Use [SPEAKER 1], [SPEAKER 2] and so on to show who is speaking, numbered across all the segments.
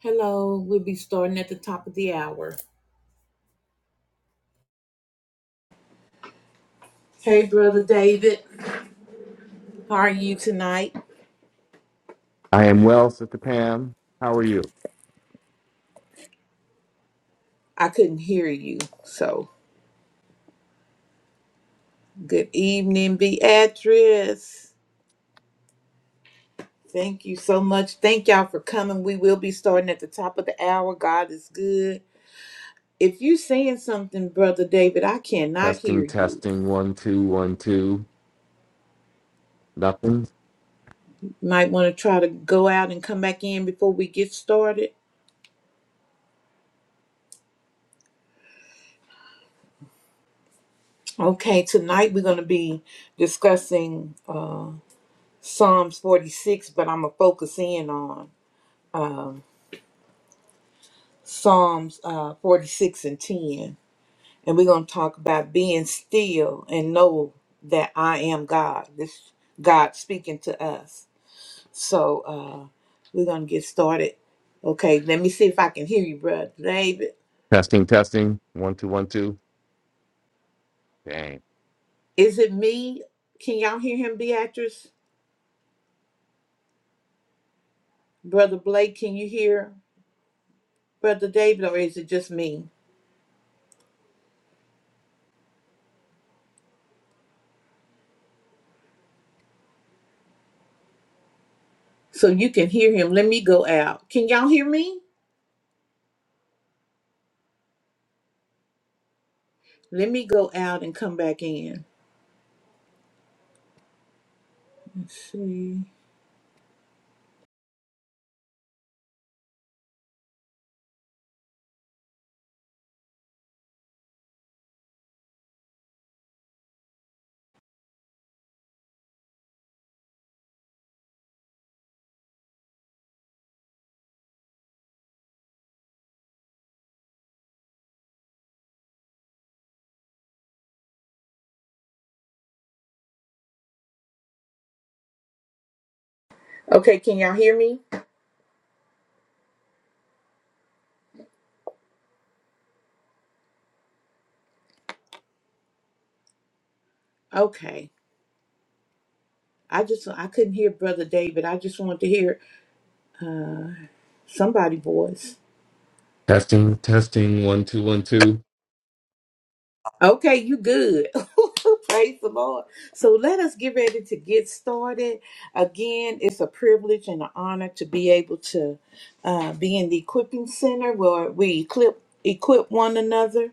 [SPEAKER 1] Hello, we'll be starting at the top of the hour. Hey, Brother David, how are you tonight?
[SPEAKER 2] I am well, Sister Pam. How are you?
[SPEAKER 1] I couldn't hear you, so good evening, Beatrice. Thank you so much. Thank y'all for coming. We will be starting at the top of the hour. God is good. If you're saying something, Brother David, I cannot hear
[SPEAKER 2] Testing,
[SPEAKER 1] you.
[SPEAKER 2] testing, one, two, one, two. Nothing.
[SPEAKER 1] Might want to try to go out and come back in before we get started. Okay, tonight we're going to be discussing. uh, Psalms 46, but I'm going to focus in on um, Psalms uh, 46 and 10. And we're going to talk about being still and know that I am God. This God speaking to us. So uh, we're going to get started. Okay, let me see if I can hear you, Brother David.
[SPEAKER 2] Testing, testing, one, two, one, two. Dang.
[SPEAKER 1] Is it me? Can y'all hear him, Beatrice? Brother Blake, can you hear Brother David, or is it just me? So you can hear him. Let me go out. Can y'all hear me? Let me go out and come back in. Let's see. Okay, can y'all hear me? Okay. I just I couldn't hear Brother David. I just wanted to hear uh, somebody voice.
[SPEAKER 2] Testing, testing, one, two, one, two.
[SPEAKER 1] Okay, you good. Praise the Lord. So let us get ready to get started. Again, it's a privilege and an honor to be able to uh, be in the equipping center where we equip equip one another,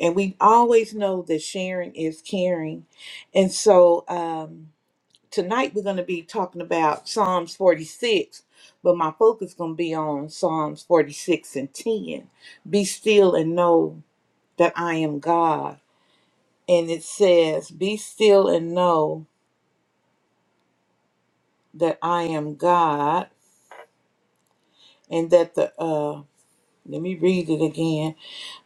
[SPEAKER 1] and we always know that sharing is caring, and so. Um, tonight we're going to be talking about Psalms 46, but my focus is going to be on Psalms 46 and 10. Be still and know that I am God. And it says, Be still and know that I am God, and that the, uh, let me read it again.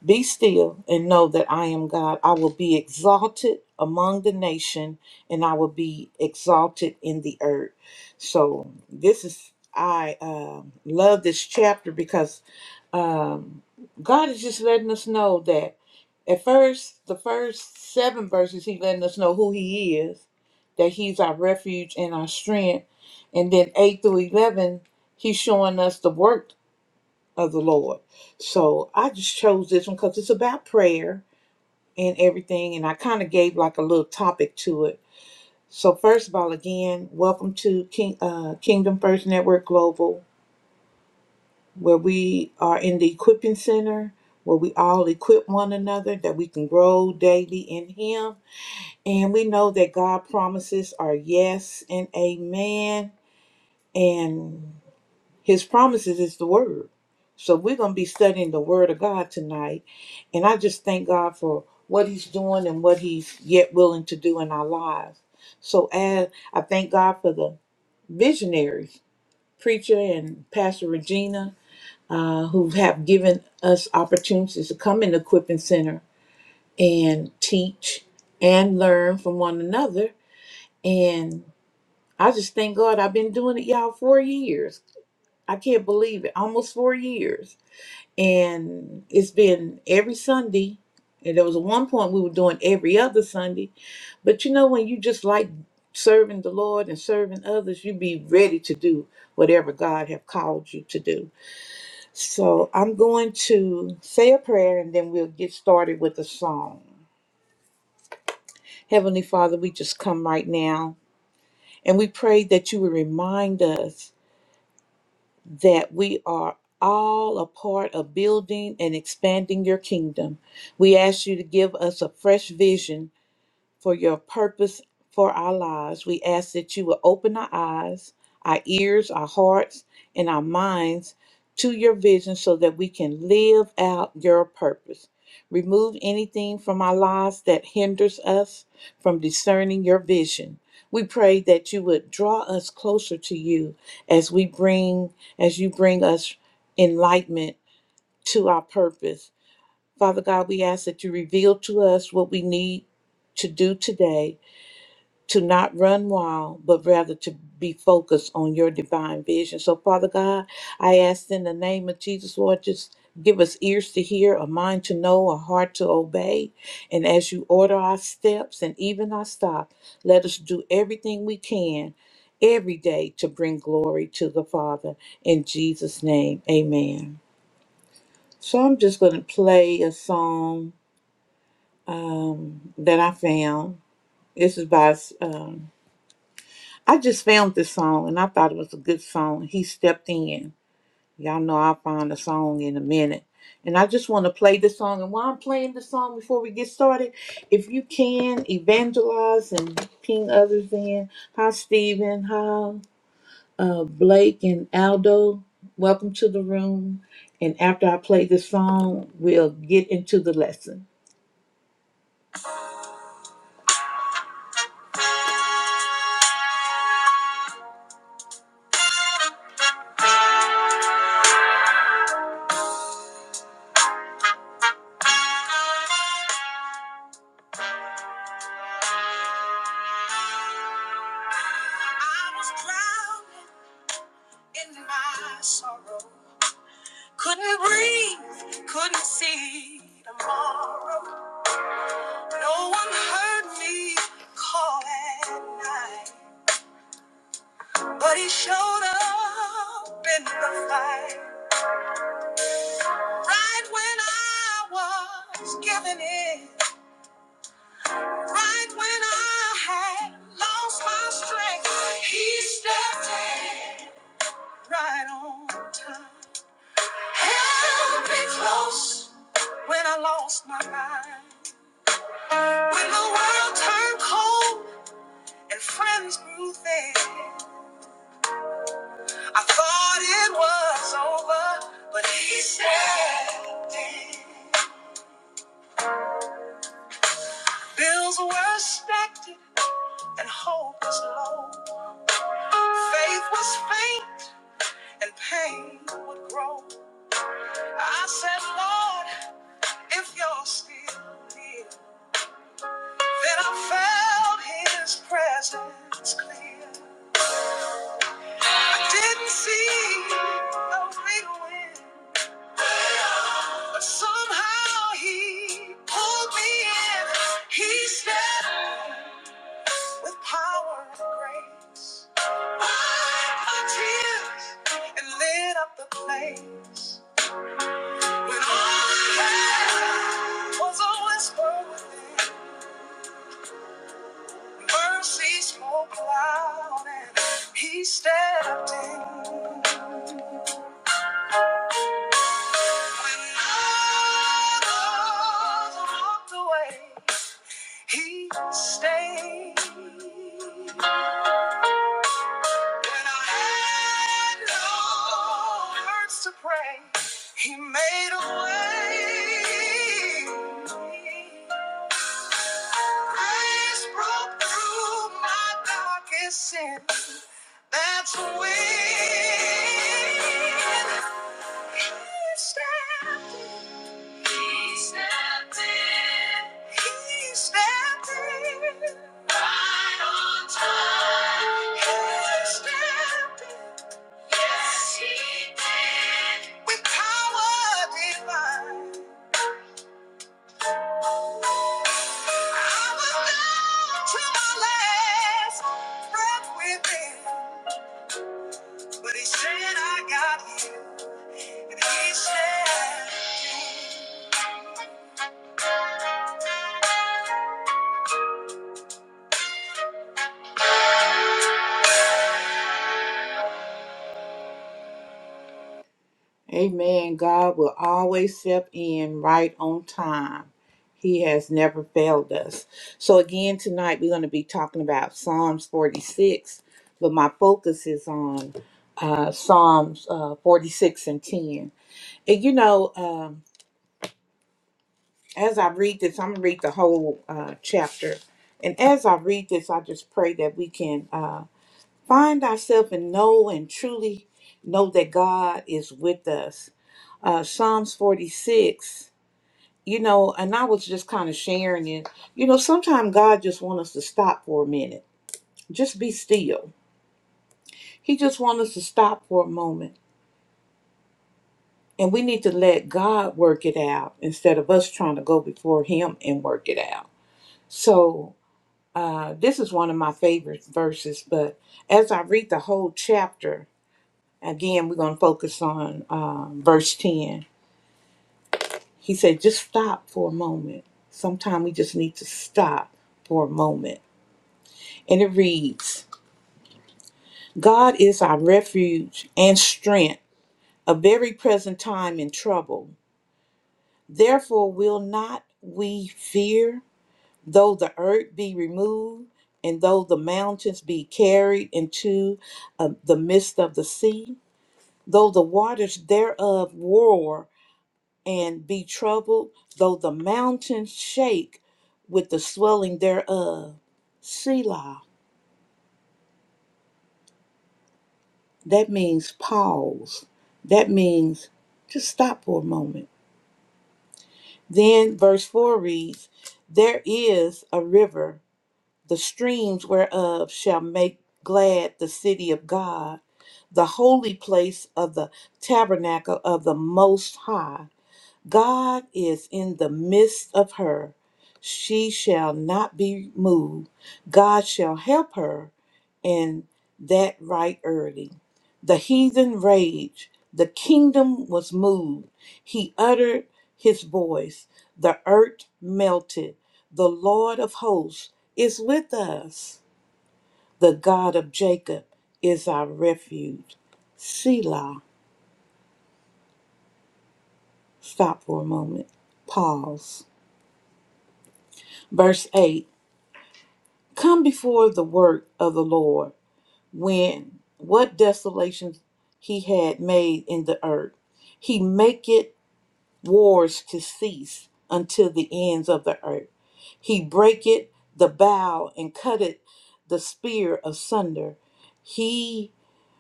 [SPEAKER 1] Be still and know that I am God. I will be exalted among the nation and I will be exalted in the earth. So this is I um love this chapter because um, God is just letting us know that at first, the first seven verses, He letting us know who He is, that He's our refuge and our strength, and then eight through eleven, He's showing us the work of the Lord. So I just chose this one because it's about prayer and everything, and I kind of gave like a little topic to it. So first of all, again, welcome to King uh, Kingdom First Network Global, where we are in the equipping center, where we all equip one another that we can grow daily in Him, and we know that God promises are yes and amen, and His promises is the word. So we're going to be studying the word of God tonight. And I just thank God for what he's doing and what he's yet willing to do in our lives. So as I thank God for the visionaries, preacher and pastor Regina, uh, who have given us opportunities to come in the equipping center and teach and learn from one another. And I just thank God I've been doing it, y'all, four years. I can't believe it. Almost four years and it's been every Sunday. And there was one point we were doing every other Sunday. But you know, when you just like serving the Lord and serving others, you be ready to do whatever God have called you to do. So I'm going to say a prayer and then we'll get started with a song. Heavenly Father, we just come right now and we pray that you will remind us. that we are all a part of building and expanding your kingdom. We ask you to give us a fresh vision for your purpose for our lives. We ask that you will open our eyes, our ears, our hearts, and our minds to your vision so that we can live out your purpose. Remove anything from our lives that hinders us from discerning your vision. We pray that you would draw us closer to you as we bring as you bring us enlightenment to our purpose. Father God, we ask that you reveal to us what we need to do today to not run wild, but rather to be focused on your divine vision. So, Father God, I ask in the name of Jesus, Lord, just give us ears to hear, a mind to know, a heart to obey. And as you order our steps and even our stop, let us do everything we can every day to bring glory to the Father. In Jesus' name, amen. So, I'm just going to play a song um, that I found. This is by. Um, I just found this song and I thought it was a good song. He stepped in. Y'all know I'll find a song in a minute. And I just want to play this song. And while I'm playing the song before we get started, if you can evangelize and ping others in. Hi, Stephen. Hi, uh, Blake and Aldo. Welcome to the room. And after I play this song, we'll get into the lesson. I was drowned in my sorrow. Couldn't breathe, couldn't see tomorrow. No one heard me call at night, but he showed up in the fight. Right when I was giving in, right when I had lost my strength, he stepped in right on time. Held me close when I lost my mind. When the world turned cold. and friends grew thin. I thought it was over, but he said bills were stacked and hope was low. Faith was faint and pain would grow. I said, Lord, if you're still near, then I felt His presence clear. I didn't see a real wind. somehow he pulled me in. He stepped with power and grace. Wiped my tears and lit up the place. When all I had was a whisper within. Mercy spoke loud and he stepped in. When others walked away. He stayed when I had no words to pray. He made a way. Grace broke through my darkest sin. That's when he stepped in. He stepped in. He stepped in. Right on time. He stepped in. Yes, he did. With power divine. I was down to my last breath with but he said I got you, and he said. Amen. God will always step in right on time. He has never failed us. So, again, tonight we're going to be talking about Psalms 46, but my focus is on uh, Psalms uh, 46 and 10. And you know, um, as I read this, I'm going to read the whole uh, chapter. And as I read this, I just pray that we can uh, find ourselves and know and truly know that God is with us uh, Psalms 46, you know, and I was just kind of sharing it. You know, sometimes God just wants us to stop for a minute, just be still. He just wants us to stop for a moment. And we need to let God work it out instead of us trying to go before Him and work it out. So, uh, this is one of my favorite verses, but as I read the whole chapter, again, we're going to focus on uh, verse 10. He said, just stop for a moment. Sometimes we just need to stop for a moment. And it reads God is our refuge and strength, a very present time in trouble. Therefore, will not we fear, though the earth be removed, and though the mountains be carried into uh, the midst of the sea, though the waters thereof roar, and be troubled, though the mountains shake with the swelling thereof. Selah, that means pause. That means just stop for a moment. Then verse 4 reads, There is a river, the streams whereof shall make glad the city of God, the holy place of the tabernacle of the Most High. God is in the midst of her. She shall not be moved. God shall help her and that right early. The heathen raged. The kingdom was moved. He uttered his voice. The earth melted. The Lord of hosts is with us. The God of Jacob is our refuge. Selah. Stop for a moment. Pause. Verse 8 Come before the work of the Lord when what desolations he had made in the earth. He maketh wars to cease until the ends of the earth. He breaketh the bow and cutteth the spear asunder. He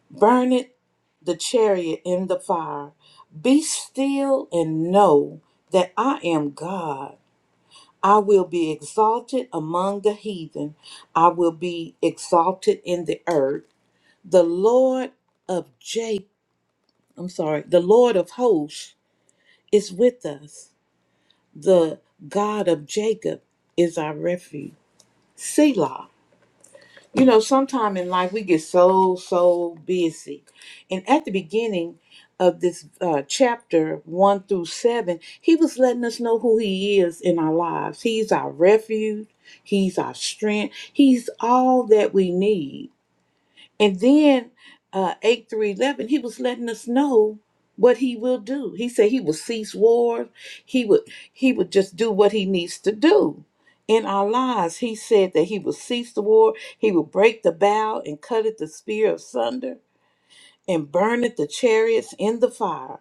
[SPEAKER 1] burneth the chariot in the fire. Be still and know that I am God. I will be exalted among the heathen. I will be exalted in the earth. The Lord of Jacob, I'm sorry, the Lord of hosts is with us. The God of Jacob is our refuge. Selah. You know, sometime in life we get so, so busy. And at the beginning of this uh, chapter one through seven, he was letting us know who he is in our lives. He's our refuge, he's our strength, he's all that we need. And then uh, 8 through 11, he was letting us know what he will do. He said he will cease war. He would he would just do what he needs to do in our lives. He said that he will cease the war. He will break the bow and cut it the spear asunder and burn it the chariots in the fire.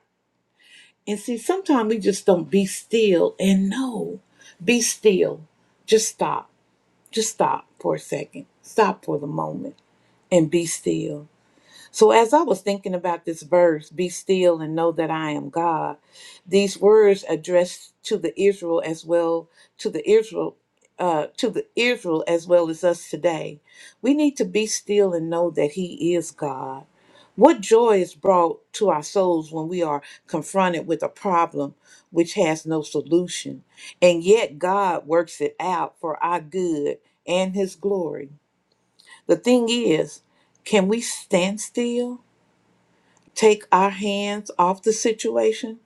[SPEAKER 1] And see, sometimes we just don't be still and know. Be still. Just stop. Just stop for a second. Stop for the moment and be still so, as I was thinking about this verse, be still and know that I am God, these words addressed to the Israel as well, to the Israel. Uh, to the Israel as well as us today. We need to be still and know that He is God. What joy is brought to our souls when we are confronted with a problem which has no solution, and yet God works it out for our good and His glory. The thing is, can we stand still? take our hands off the situation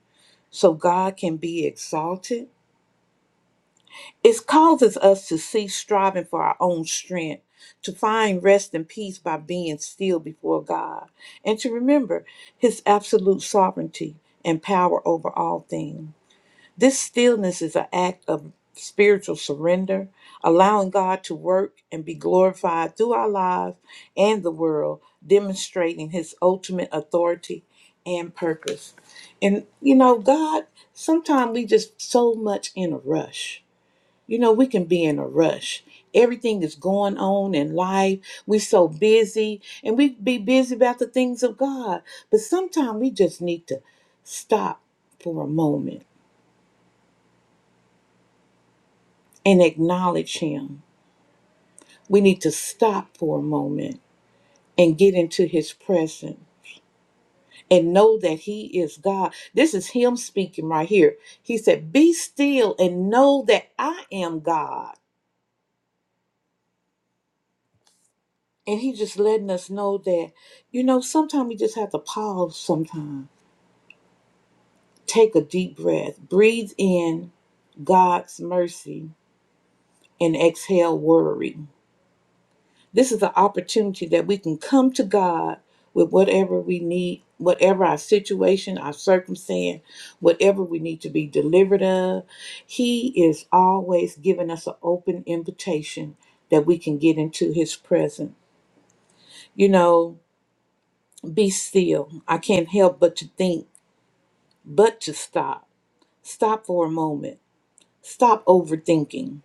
[SPEAKER 1] so God can be exalted. It causes us to cease striving for our own strength, to find rest and peace by being still before God, and to remember His absolute sovereignty and power over all things. This stillness is an act of spiritual surrender, allowing God to work and be glorified through our lives and the world, demonstrating his ultimate authority and purpose. And you know, God, sometimes we just so much in a rush. You know, we can be in a rush. Everything is going on in life. We're so busy and we be busy about the things of God. But sometimes we just need to stop for a moment and acknowledge Him. We need to stop for a moment and get into His presence and know that He is God. This is Him speaking right here. He said, Be still and know that I am God. And He just letting us know that, you know, sometimes we just have to pause sometime, take a deep breath, breathe in God's mercy, and exhale worry. This is an opportunity that we can come to God with whatever we need, whatever our situation, our circumstance, whatever we need to be delivered of. He is always giving us an open invitation that we can get into His presence. You know, be still. I can't help but to think, but to stop. Stop for a moment. Stop overthinking.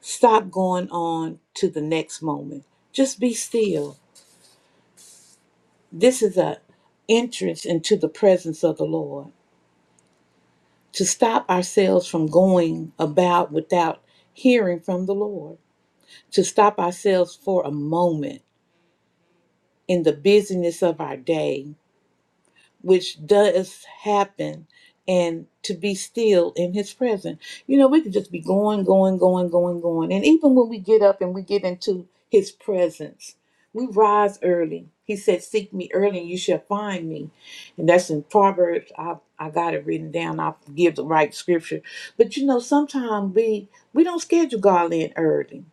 [SPEAKER 1] Stop going on to the next moment. Just be still This is an entrance into the presence of the Lord. To stop ourselves from going about without hearing from the Lord. To stop ourselves for a moment in the busyness of our day which does happen, and to be still in His presence. You know, we could just be going, going, going, going, going. And even when we get up and we get into His presence, we rise early. He said, Seek me early and you shall find me. And that's in Proverbs. I, I got it written down. I'll give the right scripture. But you know, sometimes we we don't schedule God in early.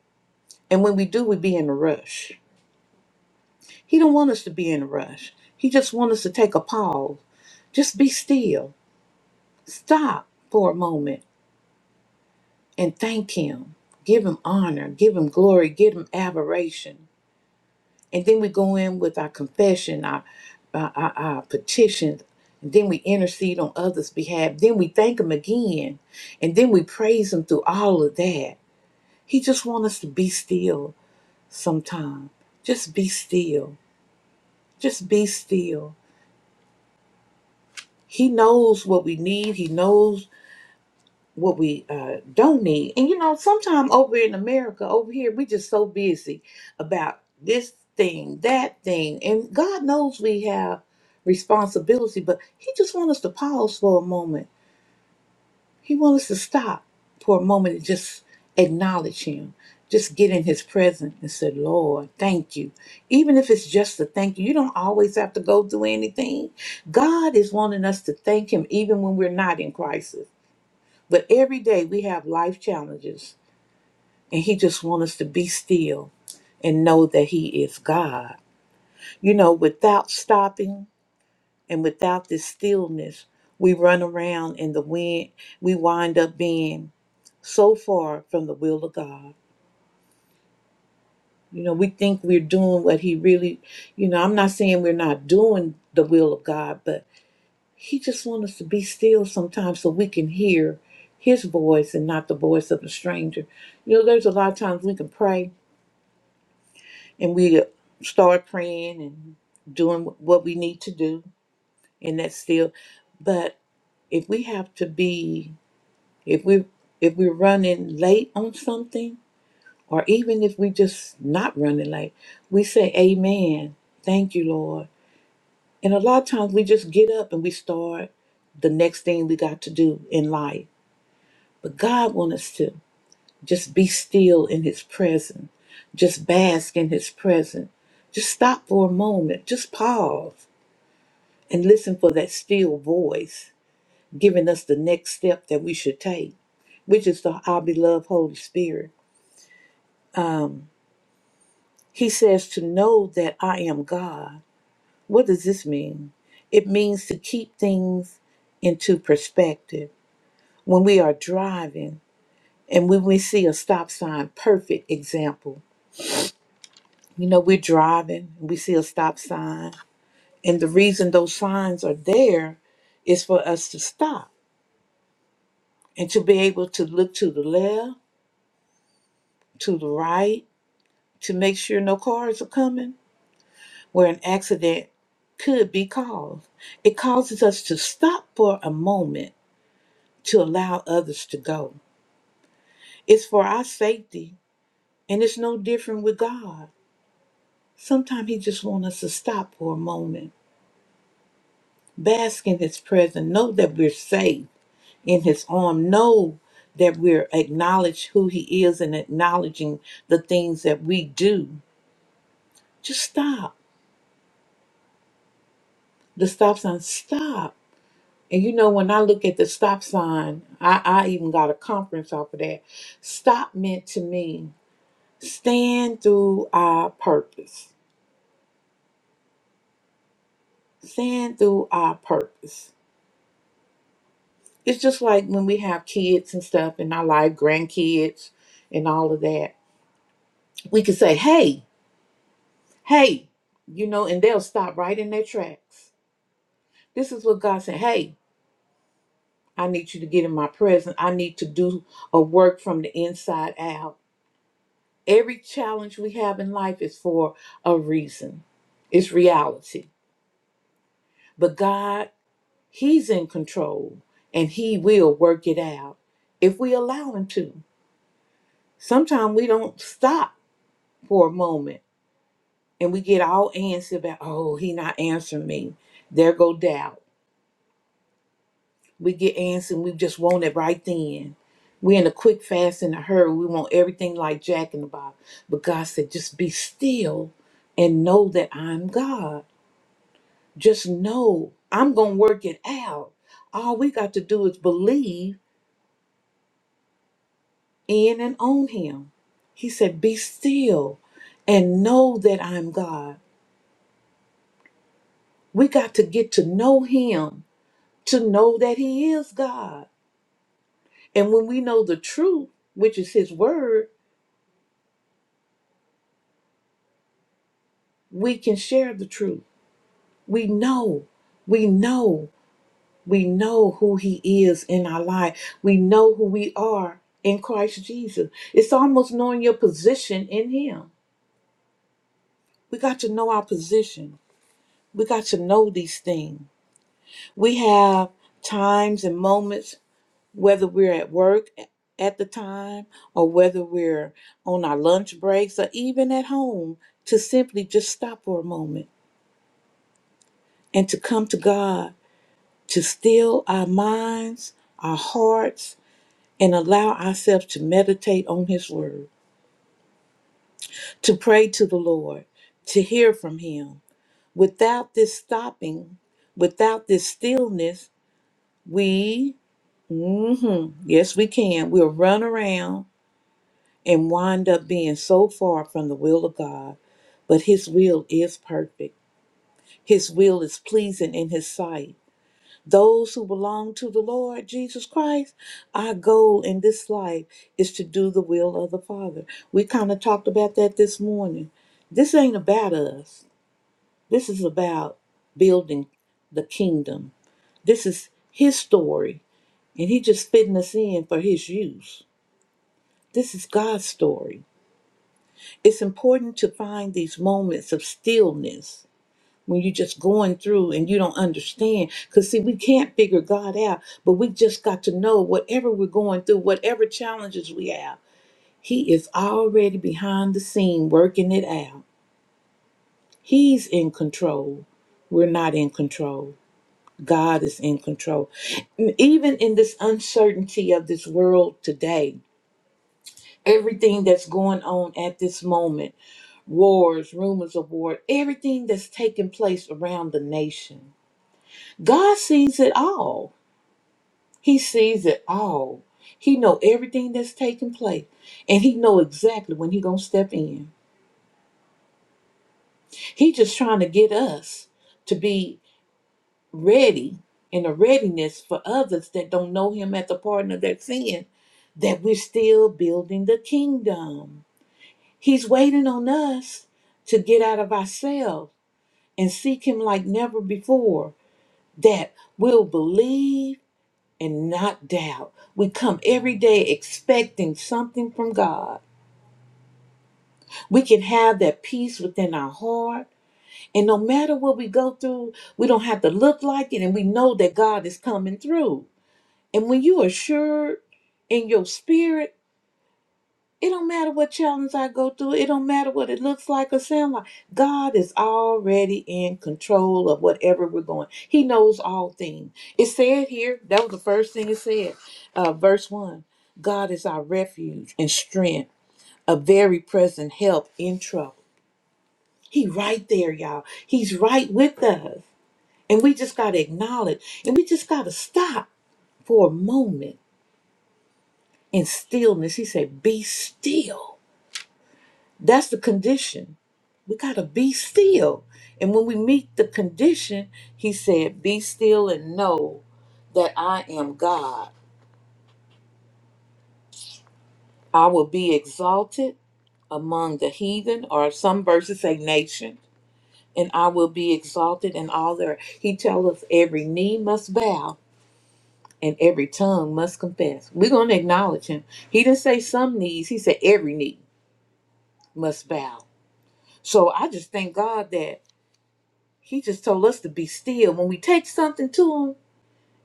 [SPEAKER 1] And when we do, we be in a rush. He don't want us to be in a rush. He just want us to take a pause. Just be still Stop for a moment and thank Him. Give Him honor, give Him glory, give Him adoration. And then we go in with our confession, our, our, our, our petitions. And then we intercede on others' behalf. Then we thank Him again. And then we praise Him through all of that. He just wants us to be still sometime. Just be still. Just be still. He knows what we need. He knows what we uh, don't need. And you know, sometime over in America, over here, we just so busy about this thing, that thing, and God knows we have responsibility, but He just wants us to pause for a moment. He wants us to stop for a moment and just acknowledge Him. Just get in his presence and say, Lord, thank you. Even if it's just a thank you, you don't always have to go through anything. God is wanting us to thank him even when we're not in crisis. But every day we have life challenges, and He just wants us to be still and know that He is God. You know, without stopping and without this stillness, we run around in the wind. We wind up being so far from the will of God. You know, we think we're doing what He really, you know, I'm not saying we're not doing the will of God, but He just wants us to be still sometimes so we can hear His voice and not the voice of a stranger. You know, there's a lot of times we can pray and we start praying and doing what we need to do and that's still but if we have to be if we if we're running late on something or even if we just not running late we say amen thank you lord and a lot of times we just get up and we start the next thing we got to do in life but god wants us to Just be still in his presence. Just bask in his presence. Just stop for a moment. Just pause and listen for that still voice giving us the next step that we should take, which is the our beloved Holy Spirit. Um, he says to know that I am God. What does this mean? It means to keep things into perspective. When we are driving and when we see a stop sign, perfect example You know, we're driving, we see a stop sign. And the reason those signs are there is for us to stop and to be able to look to the left, to the right, to make sure no cars are coming where an accident could be caused. It causes us to stop for a moment to allow others to go. It's for our safety, and it's no different with God. Sometimes He just wants us to stop for a moment, bask in His presence, know that we're safe in his arm know that we're acknowledge who he is and acknowledging the things that we do just stop the stop sign stop and you know when i look at the stop sign i, I even got a conference off of that stop meant to me stand through our purpose stand through our purpose it's just like when we have kids and stuff in our life grandkids and all of that we can say hey Hey, you know, and they'll stop right in their tracks. This is what God said. Hey, I need you to get in my presence. I need to do a work from the inside out. Every challenge we have in life is for a reason, it's reality. But God, He's in control and He will work it out if we allow Him to. Sometimes we don't stop for a moment and we get all antsy about, oh, He not answering me. There go doubt We get antsy and we just want it right then. We're in a quick fast in a hurry. We want everything like Jack in the Box. But God said, just be still and know that I'm God. Just know I'm going to work it out. All we got to do is believe in and on Him. He said, be still and know that I'm God. We got to get to know Him to know that He is God. And when we know the truth, which is His Word, we can share the truth. We know, we know, we know who He is in our life. We know who we are in Christ Jesus. It's almost knowing your position in Him. We got to know our position. We got to know these things. We have times and moments, whether we're at work at the time or whether we're on our lunch breaks or even at home, to simply just stop for a moment and to come to God to still our minds, our hearts, and allow ourselves to meditate on His Word, to pray to the Lord, to hear from Him. Without this stopping, without this stillness, we, mhm, yes, we can, we'll run around and wind up being so far from the will of God. But His will is perfect, His will is pleasing in His sight. Those who belong to the Lord Jesus Christ, our goal in this life is to do the will of the Father. We kind of talked about that this morning. This ain't about us, this is about building the kingdom. This is His story, and He just fitting us in for His use. This is God's story. It's important to find these moments of stillness when you're just going through and you don't understand. Because, see, we can't figure God out, but we just got to know whatever we're going through, whatever challenges we have, He is already behind the scene working it out. He's in control. We're not in control. God is in control. And Even in this uncertainty of this world today, everything that's going on at this moment wars, rumors of war, everything that's taking place around the nation God sees it all. He sees it all. He know everything that's taking place, and he know exactly when he gonna step in. He just trying to get us to be ready in a readiness for others that don't know him at the pardon of their sin, that we're still building the kingdom. He's waiting on us to get out of ourselves and seek him like never before. That we'll believe and not doubt. We come every day expecting something from God. We can have that peace within our heart. And no matter what we go through, we don't have to look like it. And we know that God is coming through. And when you are assured in your spirit, It don't matter what challenge I go through. It don't matter what it looks like or sound like. God is already in control of whatever we're going. He knows all things. It said here, that was the first thing it said. Uh, verse 1 God is our refuge and strength, a very present help in trouble. He right there, y'all. He's right with us. And we just got to acknowledge and we just got to stop for a moment in stillness. He said, Be still That's the condition. We got to be still. And when we meet the condition, he said, Be still and know that I am God. I will be exalted among the heathen, or some verses say nation, and I will be exalted in all their. He tells us every knee must bow and every tongue must confess. We're going to acknowledge him. He didn't say some knees, he said every knee must bow. So I just thank God that. He just told us to be still. When we take something to Him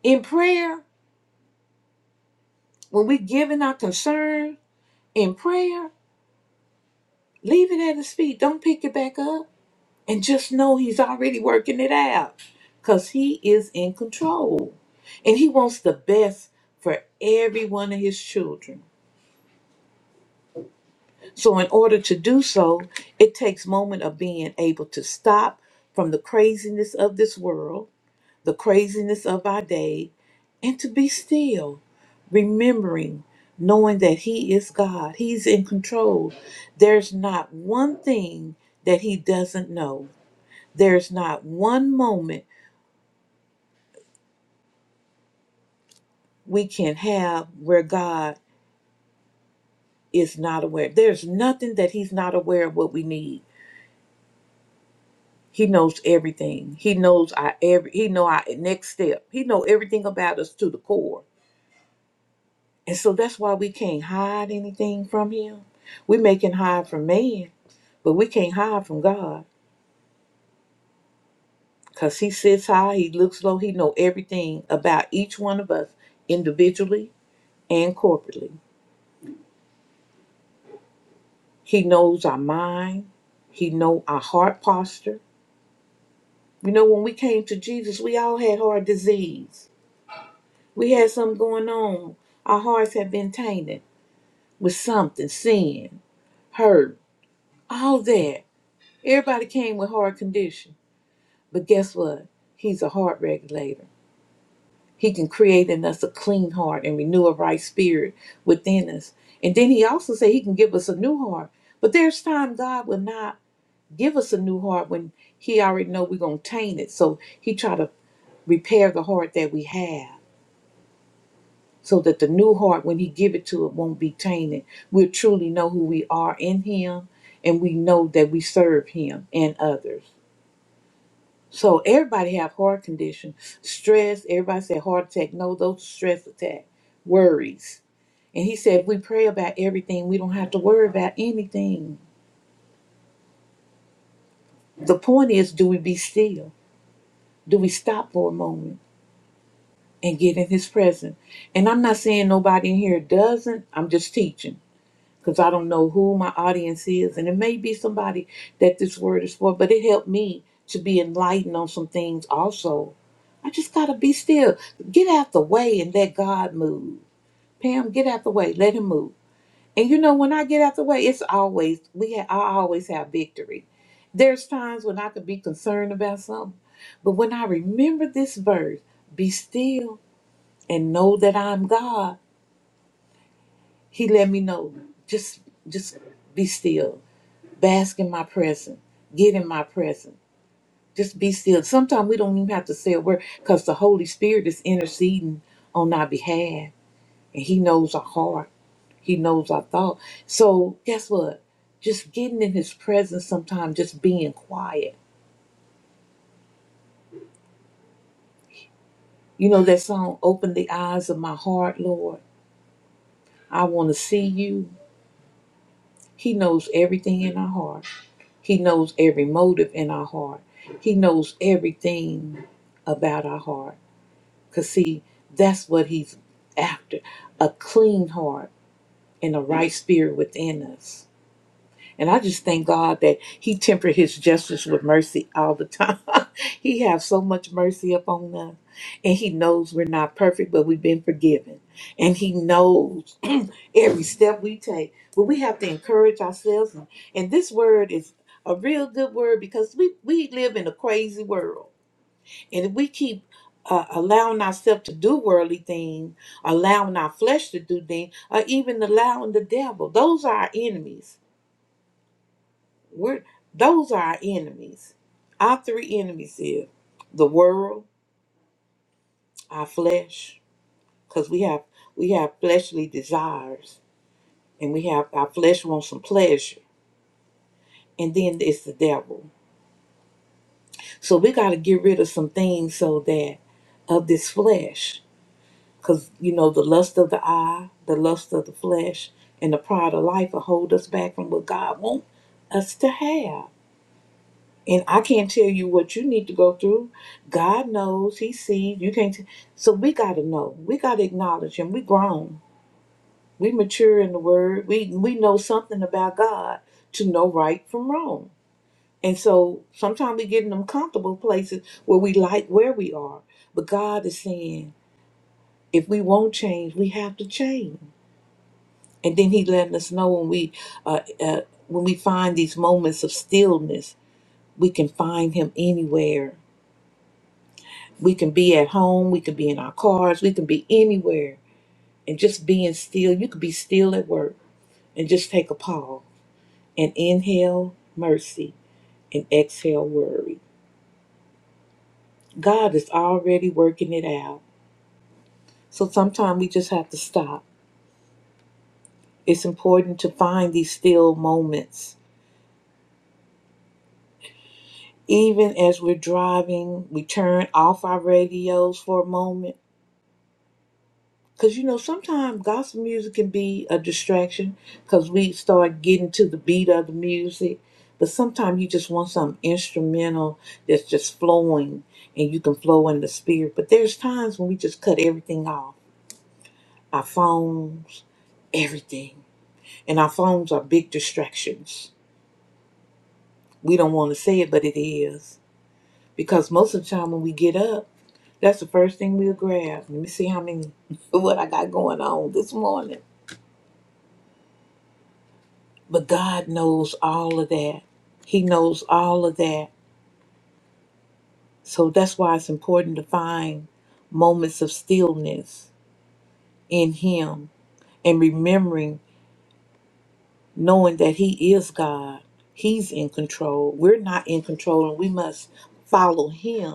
[SPEAKER 1] in prayer, when we giving our concern in prayer, leave it at His feet. Don't pick it back up. And just know He's already working it out because He is in control. And He wants the best for every one of His children. So, in order to do so, it takes moment of being able to stop from the craziness of this world the craziness of our day, and to be still, remembering, knowing that He is God. He's in control. There's not one thing that He doesn't know. There's not one moment we can have where God is not aware. There's nothing that He's not aware of what we need. He knows everything. He knows our every. He know our next step. He know everything about us to the core And so that's why we can't hide anything from him. We may can hide from man, but we can't hide from God. Because he sits high, he looks low, he know everything about each one of us individually and corporately. He knows our mind. He know our heart posture. You know, when we came to Jesus, we all had heart disease. We had something going on. Our hearts had been tainted with something, sin, hurt, all that. Everybody came with hard condition. But guess what? He's a heart regulator. He can create in us a clean heart and renew a right spirit within us. And then he also said he can give us a new heart. But there's time God will not give us a new heart when he already know we're going to taint it. So he try to repair the heart that we have so that the new heart, when he give it to it, won't be tainted. We'll truly know who we are in him and we know that we serve him and others. So everybody have heart condition, stress. Everybody said heart attack. No, those stress attack, worries. And he said if we pray about everything, we don't have to worry about anything. The point is, do we be still? Do we stop for a moment and get in His presence? And I'm not saying nobody in here doesn't. I'm just teaching because I don't know who my audience is, and it may be somebody that this word is for. But it helped me to be enlightened on some things also I just gotta be still. Get out the way and let God move. Pam, get out the way. Let him move. And you know, when I get out the way, it's always we ha- I always have victory. There's times when I could be concerned about something, but when I remember this verse, be still and know that I'm God, he let me know. Just just be still. Bask in my presence. Get in my presence. Just be still. Sometimes we don't even have to say a word because the Holy Spirit is interceding on our behalf and he knows our heart he knows our thought so guess what just getting in his presence sometimes just being quiet you know that song open the eyes of my heart lord i want to see you he knows everything in our heart he knows every motive in our heart he knows everything about our heart because see that's what he's after a clean heart and a right spirit within us And I just thank God that He tempered His justice with mercy all the time. he has so much mercy upon us. And He knows we're not perfect, but we've been forgiven. And He knows every step we take. But we have to encourage ourselves. And, and this word is a real good word because we, we live in a crazy world. And if we keep uh, allowing ourselves to do worldly things, allowing our flesh to do things, or even allowing the devil, those are our enemies we're those are our enemies. Our three enemies is the world, our flesh, because we have we have fleshly desires, and we have our flesh wants some pleasure, and then it's the devil. So we got to get rid of some things so that of this flesh, because you know the lust of the eye, the lust of the flesh, and the pride of life will hold us back from what God wants us to have. And I can't tell you what you need to go through. God knows, He sees. You can't. t- so we got to know. We got to acknowledge Him. We grown. We mature in the Word. We we know something about God to know right from wrong. And so sometimes we get in them comfortable places where we like where we are. But God is saying, if we won't change, we have to change. And then He letting us know when we uh, uh, when we find these moments of stillness, we can find Him anywhere We can be at home, we can be in our cars, we can be anywhere and just being still. You could be still at work and just take a pause and inhale mercy and exhale worry. God is already working it out. So sometimes we just have to stop. It's important to find these still moments. Even as we're driving, we turn off our radios for a moment Because you know, sometimes gospel music can be a distraction because we start getting to the beat of the music. But sometimes you just want some instrumental that's just flowing and you can flow in the spirit. But there's times when we just cut everything off our phones, everything. And our phones are big distractions. We don't want to say it, but it is. Because most of the time when we get up, that's the first thing we'll grab. Let me see how many, what I got going on this morning But God knows all of that. He knows all of that. So that's why it's important to find moments of stillness in Him and remembering, knowing that He is God. He's in control. We're not in control, and we must follow Him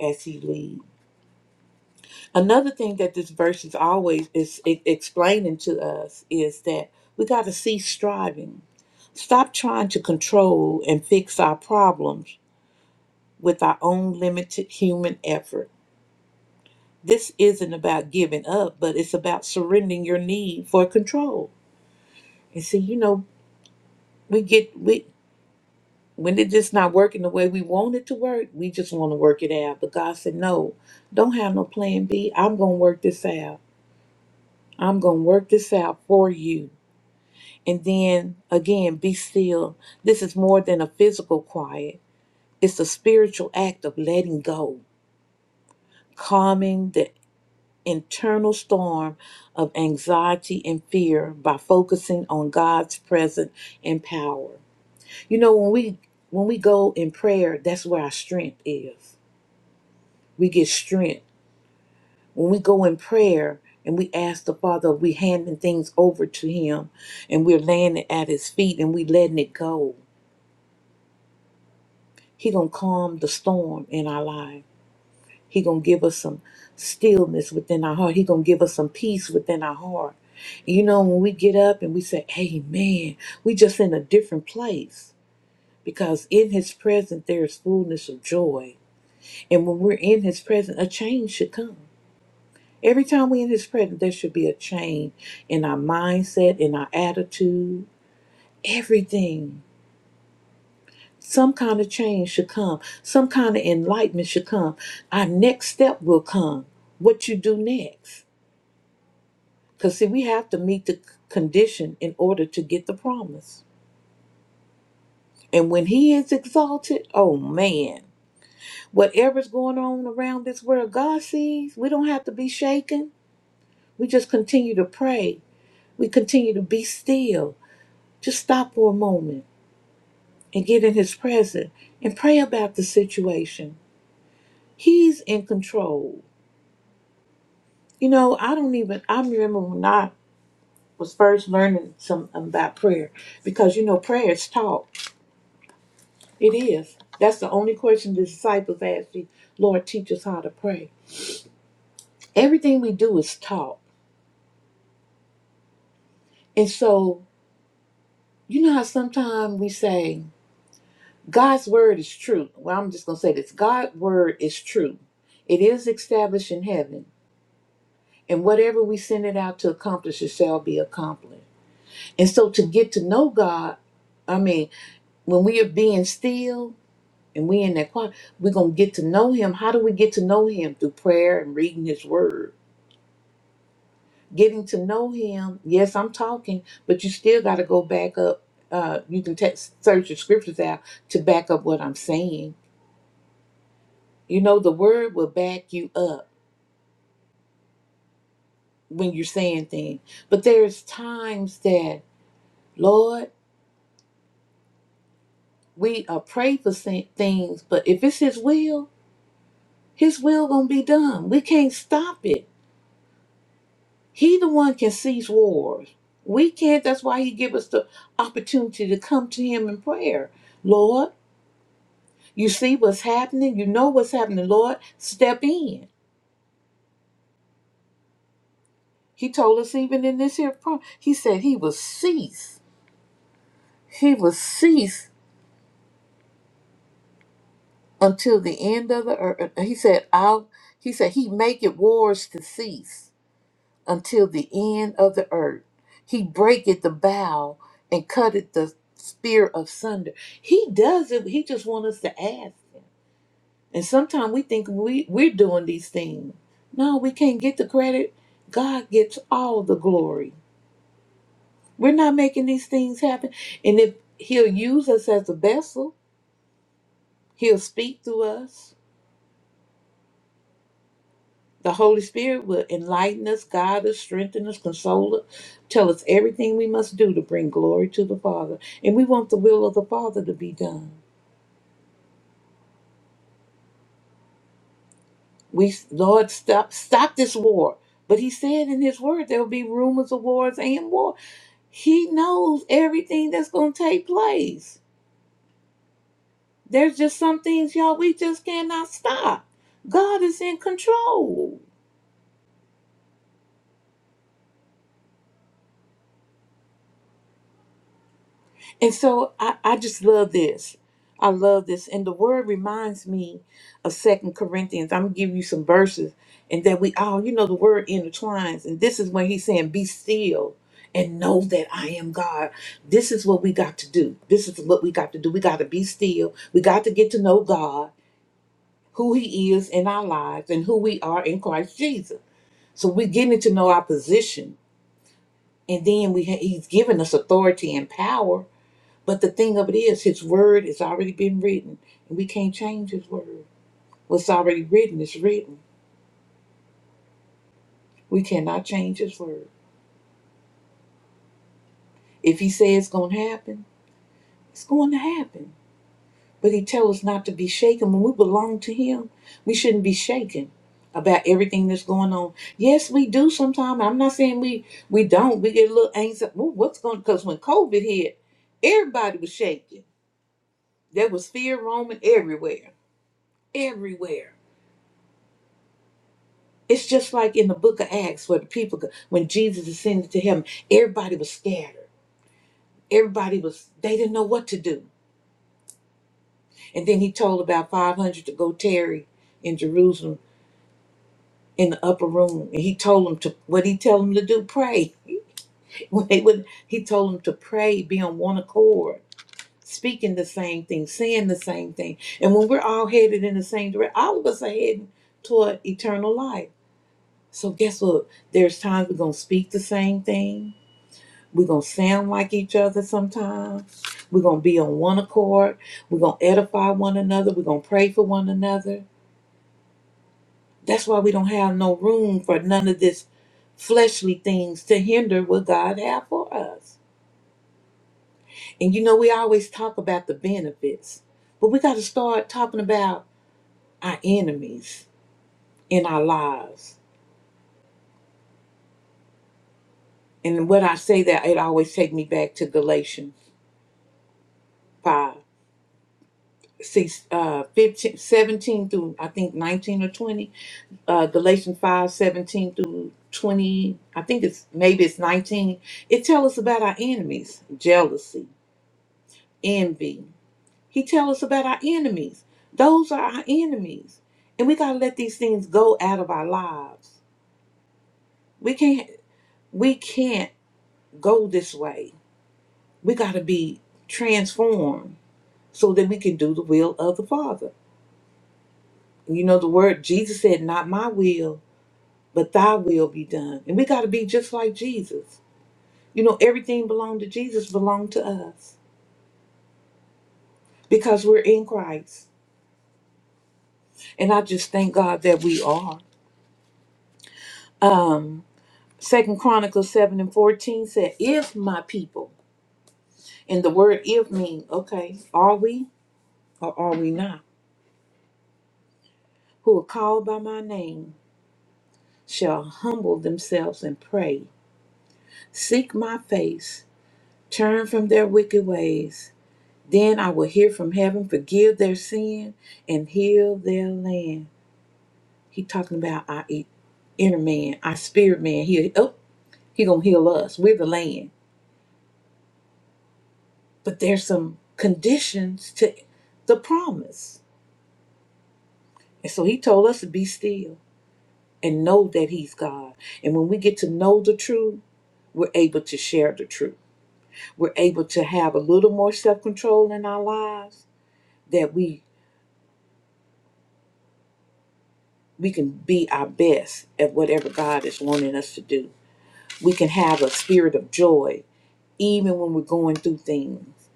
[SPEAKER 1] as He leads. Another thing that this verse is always is e- explaining to us is that we got to cease striving. Stop trying to control and fix our problems with our own limited human effort. This isn't about giving up, but it's about surrendering your need for control. And see, you know, we get we when it just not working the way we want it to work, we just want to work it out. But God said, No, don't have no plan B. I'm gonna work this out. I'm gonna work this out for you. And then again, be still. This is more than a physical quiet. It's a spiritual act of letting go, calming the internal storm of anxiety and fear by focusing on God's presence and power. You know, when we when we go in prayer, that's where our strength is. We get strength. When we go in prayer and we ask the Father, we handing things over to Him and we're laying it at His feet and we letting it go. He gonna calm the storm in our life. He gonna give us some stillness within our heart. He gonna give us some peace within our heart. You know, when we get up and we say, Amen, we just in a different place. Because in his presence there is fullness of joy. And when we're in his presence, a change should come. Every time we're in his presence, there should be a change in our mindset, in our attitude, everything. Some kind of change should come. Some kind of enlightenment should come. Our next step will come. What you do next. Because, see, we have to meet the c- condition in order to get the promise. And when He is exalted, oh man, whatever's going on around this world, God sees. We don't have to be shaken. We just continue to pray. We continue to be still. Just stop for a moment and get in His presence and pray about the situation. He's in control. You know, I don't even, I remember when I was first learning some about prayer because, you know, prayer is taught. It is. That's the only question the disciples asked the Lord, teach us how to pray. Everything we do is taught. And so, you know how sometimes we say, God's word is true. Well, I'm just going to say this God's word is true. It is established in heaven. And whatever we send it out to accomplish, it shall be accomplished. And so, to get to know God, I mean, when we are being still and we in that quiet, we're going to get to know Him. How do we get to know Him? Through prayer and reading His word getting to know him yes i'm talking but you still got to go back up uh, you can text, search the scriptures out to back up what i'm saying you know the word will back you up when you're saying things but there's times that lord we are pray for sa- things but if it's his will his will gonna be done we can't stop it he the one can cease wars we can't that's why he give us the opportunity to come to him in prayer lord You see what's happening. You know what's happening. Lord, step in. He told us even in this here prom. he said he will cease. He will cease until the end of the earth. He said, I'll, he said, he maketh wars to cease until the end of the earth. He breaketh the bow and cutteth the spear of sunder. He does it. He just wants us to ask him. And sometimes we think we, we're doing these things. No, we can't get the credit. God gets all the glory. We're not making these things happen. And if He'll use us as a vessel, He'll speak through us. The Holy Spirit will enlighten us, guide us, strengthen us, console us, tell us everything we must do to bring glory to the Father. And we want the will of the Father to be done. We Lord, stop stop this war. But he said in his word there will be rumors of wars and wars. He knows everything that's going to take place. There's just some things, y'all, we just cannot stop. God is in control. And so I, I just love this. I love this. And the word reminds me of Second Corinthians. I'm gonna give you some verses and that we all, you know, the word intertwines. And this is when he's saying, Be still and know that I am God. This is what we got to do. This is what we got to do. We got to be still. We got to get to know God who he is in our lives and who we are in Christ Jesus. So we're getting to know our position. And then we ha- he's given us authority and power. But the thing of it is, his word has already been written. And we can't change his word. What's already written is written. We cannot change his word. If he says it's going to happen, it's going to happen. But he tells us not to be shaken. When we belong to him, we shouldn't be shaken about everything that's going on. Yes, we do sometimes. I'm not saying we we don't. We get a little anxious. Well, what's going because when COVID hit, everybody was shaking. There was fear roaming everywhere. Everywhere. It's just like in the book of Acts where the people when Jesus ascended to heaven, everybody was scattered. Everybody was they didn't know what to do. And then he told about five hundred to go tarry in Jerusalem in the upper room. And he told them to what he tell them to do, pray. When they would he told them to pray, be on one accord, speaking the same thing, saying the same thing. And when we're all headed in the same direction, all of us are heading toward eternal life. So guess what? There's times we're gonna speak the same thing. We're gonna sound like each other sometimes. We're gonna be on one accord. We're gonna edify one another. We're gonna pray for one another That's why we don't have no room for none of this fleshly things to hinder what God have for us. And you know, we always talk about the benefits, but we got to start talking about our enemies in our lives. And when I say that, it always take me back to Galatians 5, 6, uh, 15, seventeen through, I think, 19 or 20. Uh, Galatians 5, 17 through 20. I think it's, maybe it's 19. It tells us about our enemies, jealousy envy. He tells us about our enemies. Those are our enemies. And we got to let these things go out of our lives. We can't we can't go this way. We got to be transformed so that we can do the will of the Father. You know the word Jesus said not my will, but thy will be done. And we got to be just like Jesus. You know everything belonged to Jesus belonged to us because we're in Christ. And I just thank God that we are. Um. Second Chronicles 7 and 14 said, If my people, and the word if mean, okay, are we or are we not, who are called by my name, shall humble themselves and pray, seek my face, turn from their wicked ways, then I will hear from heaven, forgive their sin, and heal their land. He talking about our e- inner man, our spirit man. He oh, he gonna heal us. We're the land. But there's some conditions to the promise And so he told us to be still and know that he's God. And when we get to know the truth, we're able to share the truth. We're able to have a little more self-control in our lives that we we can be our best at whatever God is wanting us to do. We can have a spirit of joy even when we're going through things.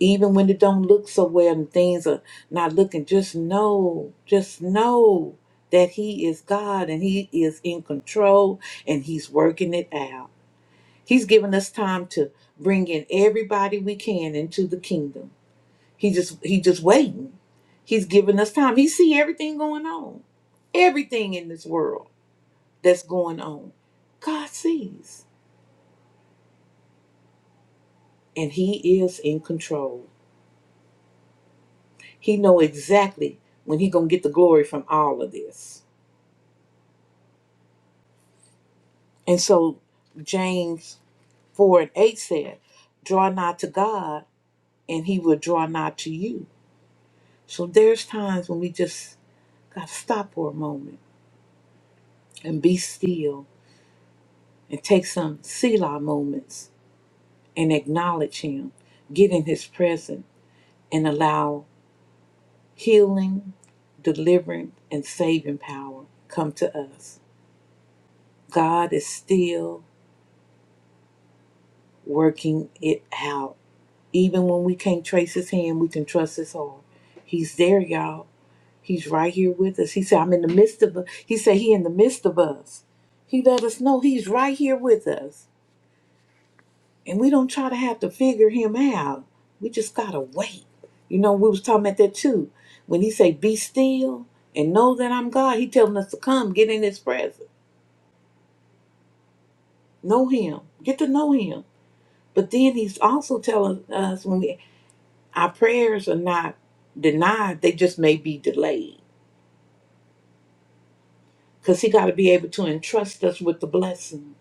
[SPEAKER 1] Even when it don't look so well and things are not looking, just know, just know that he is God and he is in control and he's working it out. He's given us time to bring in everybody we can into the kingdom. He just he just waiting. He's giving us time. He see everything going on. Everything in this world that's going on. God sees and he is in control. He know exactly when he going to get the glory from all of this. And so James 4 and 8 said, draw nigh to God and he will draw nigh to you. So there's times when we just got to stop for a moment and be still and take some Selah moments and acknowledge Him, get in His presence, and allow healing, deliverance, and saving power come to us. God is still working it out. Even when we can't trace His hand, we can trust His heart. He's there, y'all. He's right here with us. He said, I'm in the midst of us. He said, He in the midst of us. He let us know He's right here with us. and we don't try to have to figure him out. We just gotta wait. You know, we was talking about that too. When he say, "Be still and know that I'm God," he telling us to come, get in His presence, know Him, get to know Him. But then He's also telling us when we, our prayers are not denied; they just may be delayed. Cause he got to be able to entrust us with the blessing.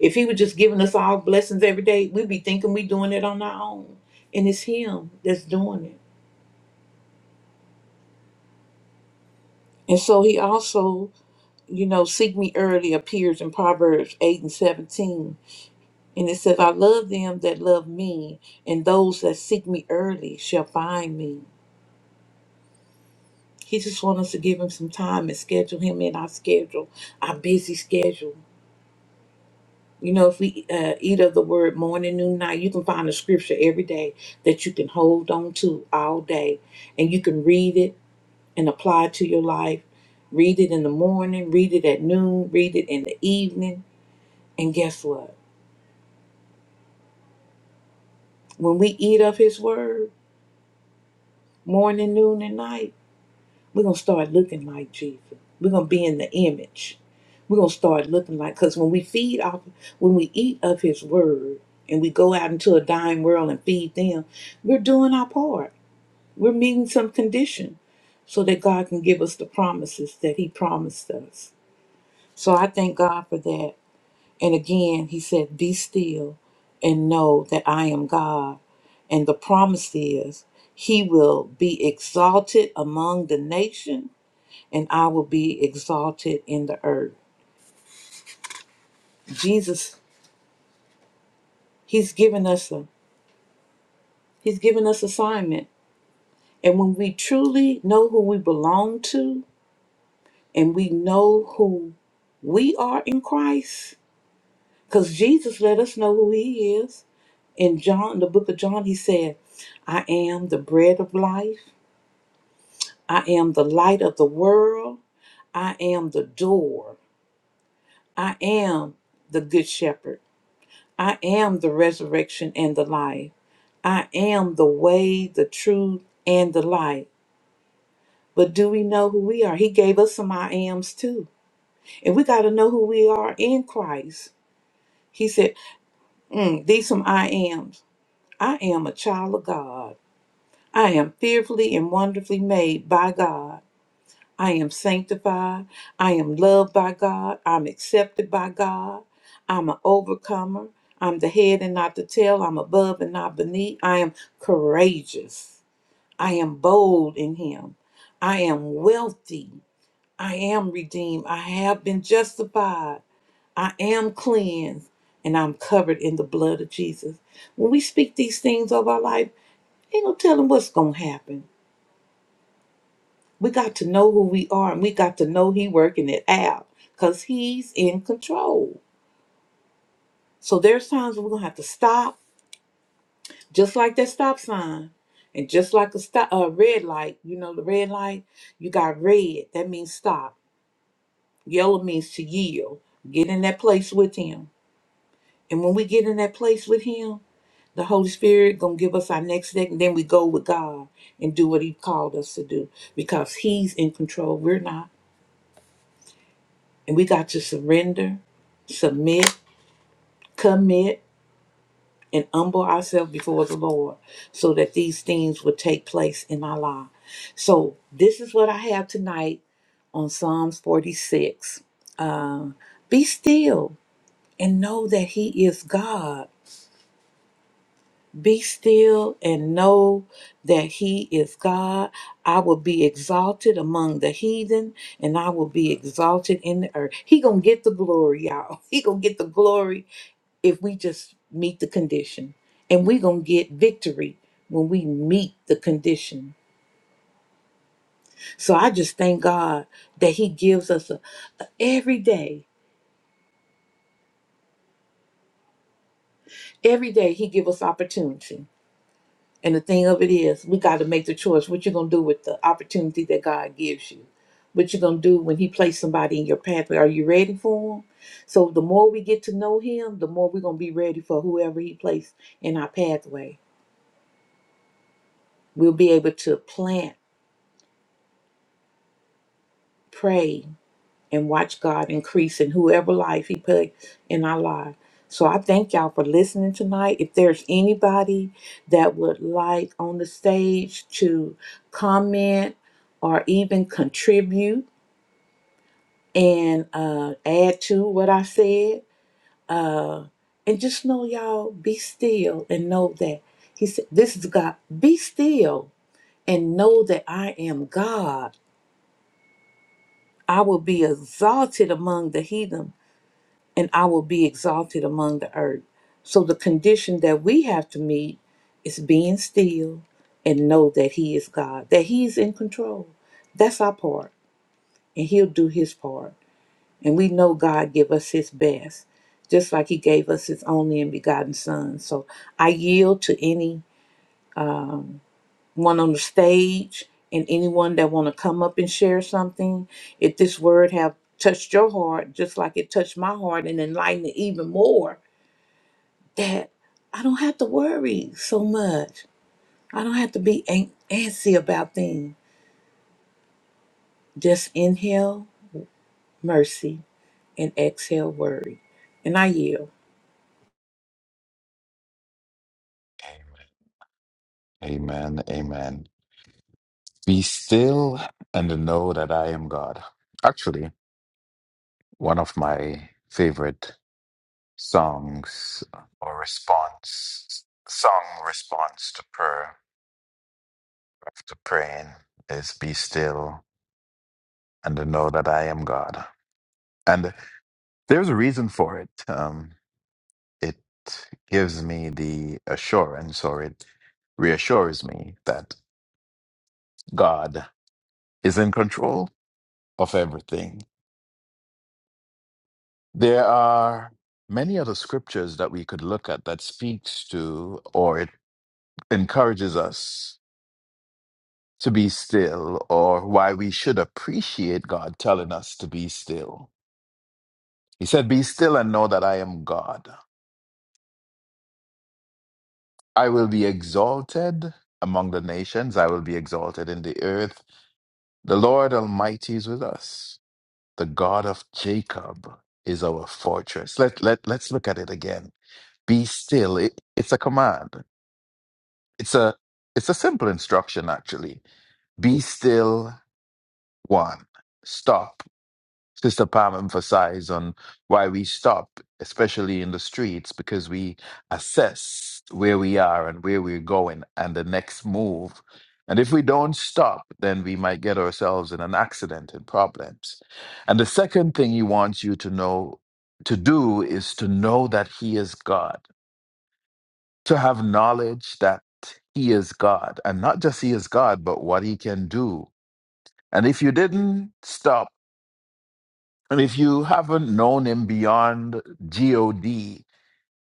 [SPEAKER 1] If he was just giving us all blessings every day, we'd be thinking we doing it on our own. And it's him that's doing it. And so he also you know, seek me early appears in Proverbs 8 and 17. And it says, I love them that love me, and those that seek me early shall find me. He just wants us to give him some time and schedule him in our schedule, our busy schedule. You know, if we uh, eat of the word morning, noon, night, you can find a scripture every day that you can hold on to all day. And you can read it and apply it to your life. Read it in the morning, read it at noon, read it in the evening. And guess what? When we eat of his word, morning, noon, and night, we're going to start looking like Jesus. We're going to be in the image. We're going to start looking like, because when we feed off, when we eat of his word and we go out into a dying world and feed them, we're doing our part. We're meeting some condition so that God can give us the promises that he promised us. So I thank God for that. And again, he said, Be still and know that I am God. And the promise is he will be exalted among the nation, and I will be exalted in the earth. Jesus, he's given us a he's given us assignment. And when we truly know who we belong to and we know who we are in Christ, because Jesus let us know who he is. In John, the book of John, he said, I am the bread of life. I am the light of the world. I am the door. I am the good shepherd. I am the resurrection and the life. I am the way, the truth, and the light. But do we know who we are? He gave us some I ams too. And we got to know who we are in Christ. He said, mm, These some I ams. I am a child of God. I am fearfully and wonderfully made by God. I am sanctified. I am loved by God. I'm accepted by God. I'm an overcomer. I'm the head and not the tail. I'm above and not beneath. I am courageous. I am bold in Him. I am wealthy. I am redeemed. I have been justified. I am cleansed. And I'm covered in the blood of Jesus. When we speak these things of our life, ain't no telling what's going to happen. We got to know who we are and we got to know he working it out because he's in control. So there's times we're gonna have to stop, just like that stop sign. And just like a stop a red light, you know, the red light, you got red, that means stop. Yellow means to yield. Get in that place with him. And when we get in that place with him, the Holy Spirit gonna give us our next step, and then we go with God and do what he called us to do because he's in control. We're not. And we got to surrender, submit, commit, and humble ourselves before the Lord so that these things will take place in our life. So, this is what I have tonight on Psalms 46. Uh, Be still and know that He is God. Be still and know that He is God. I will be exalted among the heathen and I will be exalted in the earth. He gonna get the glory, y'all. He gonna get the glory if we just meet the condition. And we're going to get victory when we meet the condition. So I just thank God that He gives us a, a- every day, every day He gives us opportunity. And the thing of it is, we got to make the choice what you going to do with the opportunity that God gives you. What you going to do when He places somebody in your pathway. Are you ready for Him? So the more we get to know Him, the more we're going to be ready for whoever He placed in our pathway. We'll be able to plant, pray, and watch God increase in whoever life He put in our life. So I thank y'all for listening tonight. If there's anybody that would like on the stage to comment or even contribute and uh, add to what I said, uh, and just know y'all be still and know that He said, "This is God. Be still and know that I am God. I will be exalted among the heathen." and I will be exalted among the earth. So the condition that we have to meet is being still and know that He is God, that He is in control. That's our part, and He'll do His part. And we know God give us His best, just like He gave us His only and begotten Son. So I yield to any um, one on the stage and anyone that want to come up and share something. If this word have touched your heart, just like it touched my heart, and enlightened it even more that I don't have to worry so much. I don't have to be an- antsy about things. Just inhale mercy and exhale worry. And I yield.
[SPEAKER 3] Amen. Amen. Be still and know that I am God. Actually, one of my favorite songs or response, song response to prayer after praying is Be still and know that I am God. And there's a reason for it. Um, it gives me the assurance or it reassures me that God is in control of everything There are many other scriptures that we could look at that speaks to or it encourages us to be still or why we should appreciate God telling us to be still. He said, Be still and know that I am God. I will be exalted among the nations, I will be exalted in the earth. The Lord Almighty is with us. The God of Jacob is our fortress. Let, let, let's look at it again. Be still. It, it's a command. it's a it's a simple instruction actually be still one stop sister pam emphasized on why we stop especially in the streets because we assess where we are and where we're going and the next move and if we don't stop then we might get ourselves in an accident and problems and the second thing he wants you to know to do is to know that he is god to have knowledge that he is God, and not just he is God, but what he can do. And if you didn't stop, and if you haven't known him beyond God,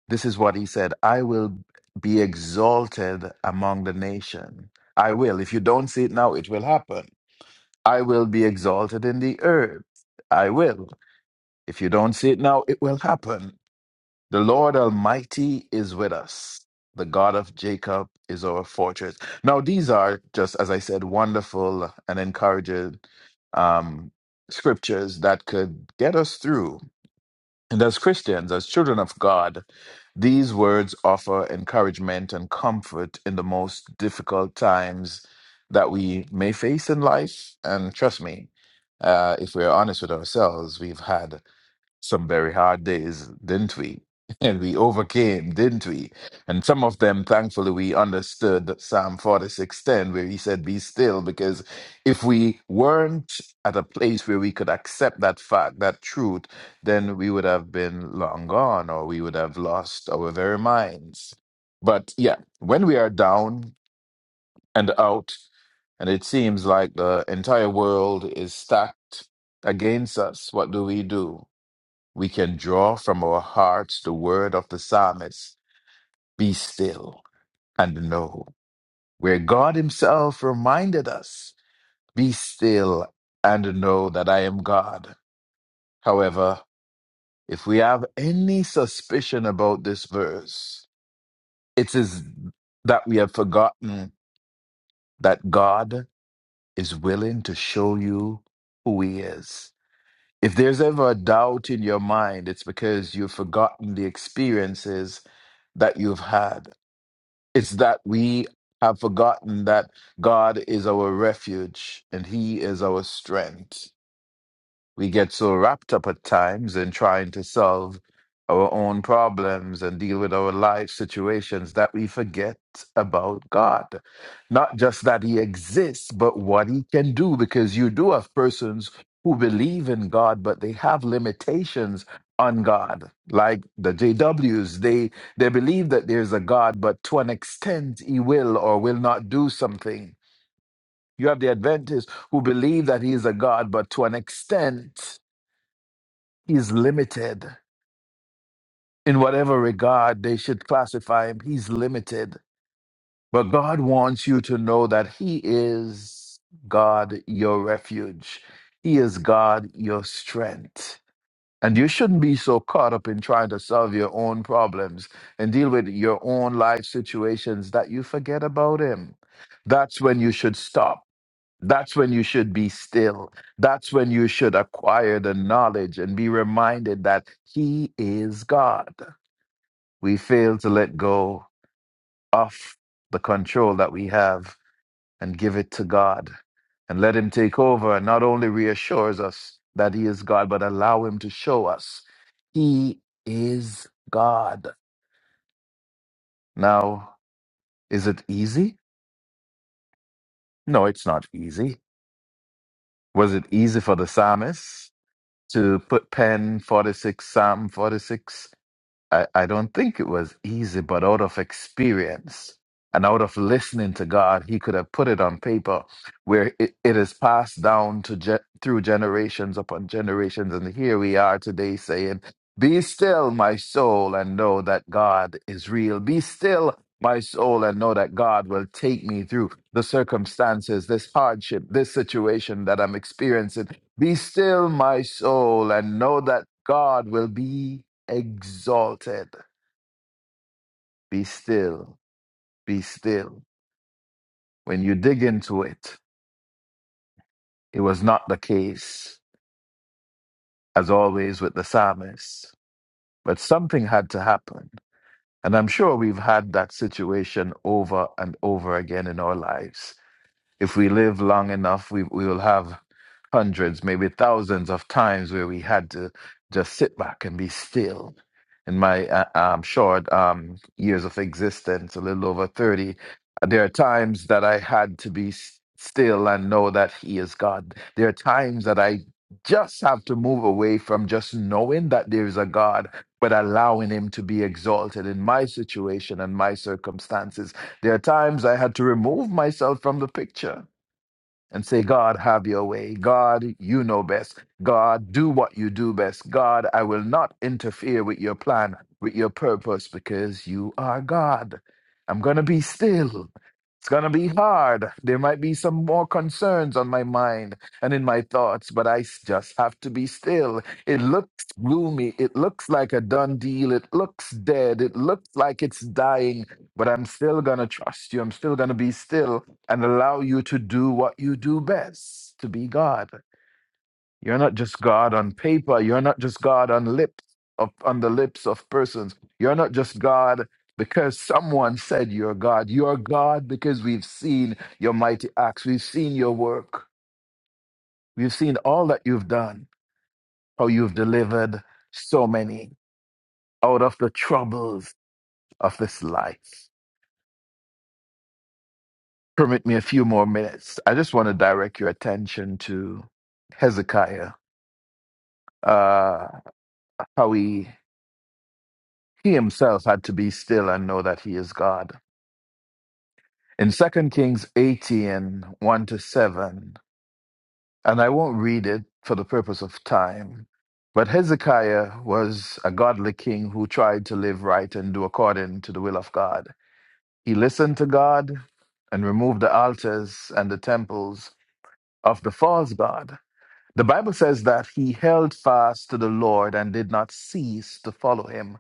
[SPEAKER 3] this is what he said I will be exalted among the nation. I will. If you don't see it now, it will happen. I will be exalted in the earth. I will. If you don't see it now, it will happen. The Lord Almighty is with us. The God of Jacob is our fortress. Now, these are just, as I said, wonderful and encouraging um, scriptures that could get us through. And as Christians, as children of God, these words offer encouragement and comfort in the most difficult times that we may face in life. And trust me, uh, if we're honest with ourselves, we've had some very hard days, didn't we? And we overcame, didn't we? And some of them, thankfully, we understood Psalm 46:10, where he said, Be still, because if we weren't at a place where we could accept that fact, that truth, then we would have been long gone or we would have lost our very minds. But yeah, when we are down and out, and it seems like the entire world is stacked against us, what do we do? we can draw from our hearts the word of the psalmist be still and know, where God Himself reminded us, be still and know that I am God. However, if we have any suspicion about this verse, it is that we have forgotten that God is willing to show you who He is. If there's ever a doubt in your mind, it's because you've forgotten the experiences that you've had It's that we have forgotten that God is our refuge and He is our strength. We get so wrapped up at times in trying to solve our own problems and deal with our life situations that we forget about God. Not just that He exists, but what He can do, because you do have persons who believe in God, but they have limitations on God. Like the JWs, they, they believe that there's a God, but to an extent, He will or will not do something. You have the Adventists who believe that He is a God, but to an extent, He's limited in whatever regard they should classify him. He's limited. But God wants you to know that He is God, your refuge. He is God, your strength. And you shouldn't be so caught up in trying to solve your own problems and deal with your own life situations that you forget about Him. That's when you should stop that's when you should be still. That's when you should acquire the knowledge and be reminded that He is God. We fail to let go of the control that we have and give it to God and let Him take over and not only reassures us that He is God, but allow Him to show us He is God. Now, is it easy? No, it's not easy. Was it easy for the psalmist? To put pen, forty-six, Psalm forty-six. I, I don't think it was easy, but out of experience and out of listening to God, he could have put it on paper where it, it is passed down to ge- through generations upon generations. And here we are today saying, Be still, my soul, and know that God is real. Be still, my soul, and know that God will take me through the circumstances, this hardship, this situation that I'm experiencing. Be still, my soul, and know that God will be exalted. Be still, be still. When you dig into it, it was not the case, as always with the psalmist, but something had to happen. And I'm sure we've had that situation over and over again in our lives If we live long enough, we, we will have hundreds, maybe thousands of times where we had to just sit back and be still. In my uh, um, short um, years of existence, a little over 30, there are times that I had to be s- still and know that He is God. There are times that I just have to move away from just knowing that there is a God, but allowing Him to be exalted in my situation and my circumstances there are times I had to remove myself from the picture and say, God, have your way. God, you know best. God, do what you do best. God, I will not interfere with your plan, with your purpose, because you are God. I'm going to be still. It's going to be hard. There might be some more concerns on my mind and in my thoughts, but I s- just have to be still. It looks gloomy. It looks like a done deal. It looks dead. It looks like it's dying, but I'm still going to trust you. I'm still going to be still and allow you to do what you do best to be God. You're not just God on paper. You're not just God on lips of, on the lips of persons. You're not just God because someone said you're God. You're God because we've seen your mighty acts. We've seen your work. We've seen all that you've done, how you've delivered so many out of the troubles of this life. Permit me a few more minutes. I just want to direct your attention to Hezekiah. Uh, how he he himself had to be still and know that he is God. In Second Kings eighteen one to 7, and I won't read it for the purpose of time, but Hezekiah was a godly king who tried to live right and do according to the will of God. He listened to God and removed the altars and the temples of the false God. The Bible says that he held fast to the Lord and did not cease to follow him.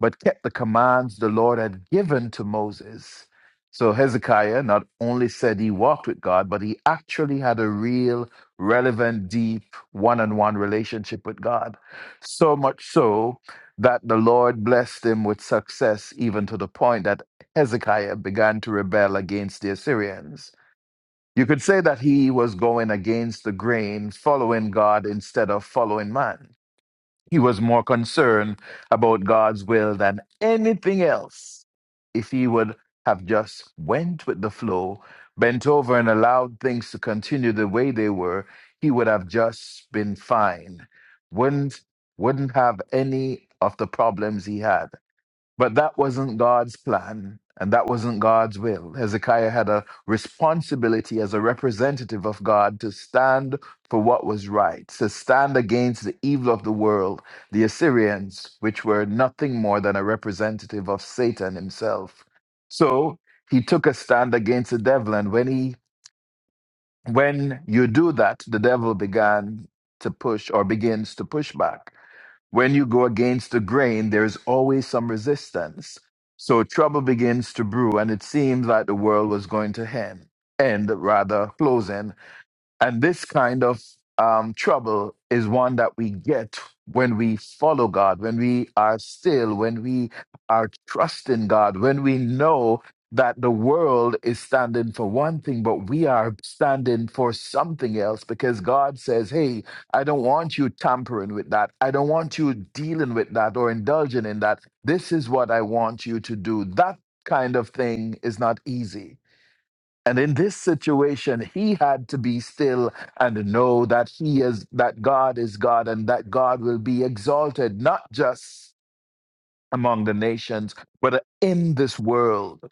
[SPEAKER 3] but kept the commands the Lord had given to Moses. So Hezekiah not only said he walked with God, but he actually had a real, relevant, deep one on one relationship with God. So much so that the Lord blessed him with success, even to the point that Hezekiah began to rebel against the Assyrians. You could say that he was going against the grain, following God instead of following man. He was more concerned about God's will than anything else. If he would have just went with the flow, bent over and allowed things to continue the way they were, he would have just been fine. Wouldn't wouldn't have any of the problems he had. But that wasn't God's plan and that wasn't God's will. Hezekiah had a responsibility as a representative of God to stand for what was right, to stand against the evil of the world, the Assyrians, which were nothing more than a representative of Satan himself. So he took a stand against the devil. And when he when you do that, the devil began to push or begins to push back when you go against the grain, there is always some resistance. So trouble begins to brew, and it seems like the world was going to end, end rather closing. And this kind of um, trouble is one that we get when we follow God, when we are still, when we are trusting God, when we know that the world is standing for one thing, but we are standing for something else because God says, Hey, I don't want you tampering with that. I don't want you dealing with that or indulging in that. This is what I want you to do. That kind of thing is not easy and in this situation, he had to be still and know that he is that God is God and that God will be exalted, not just among the nations, but in this world.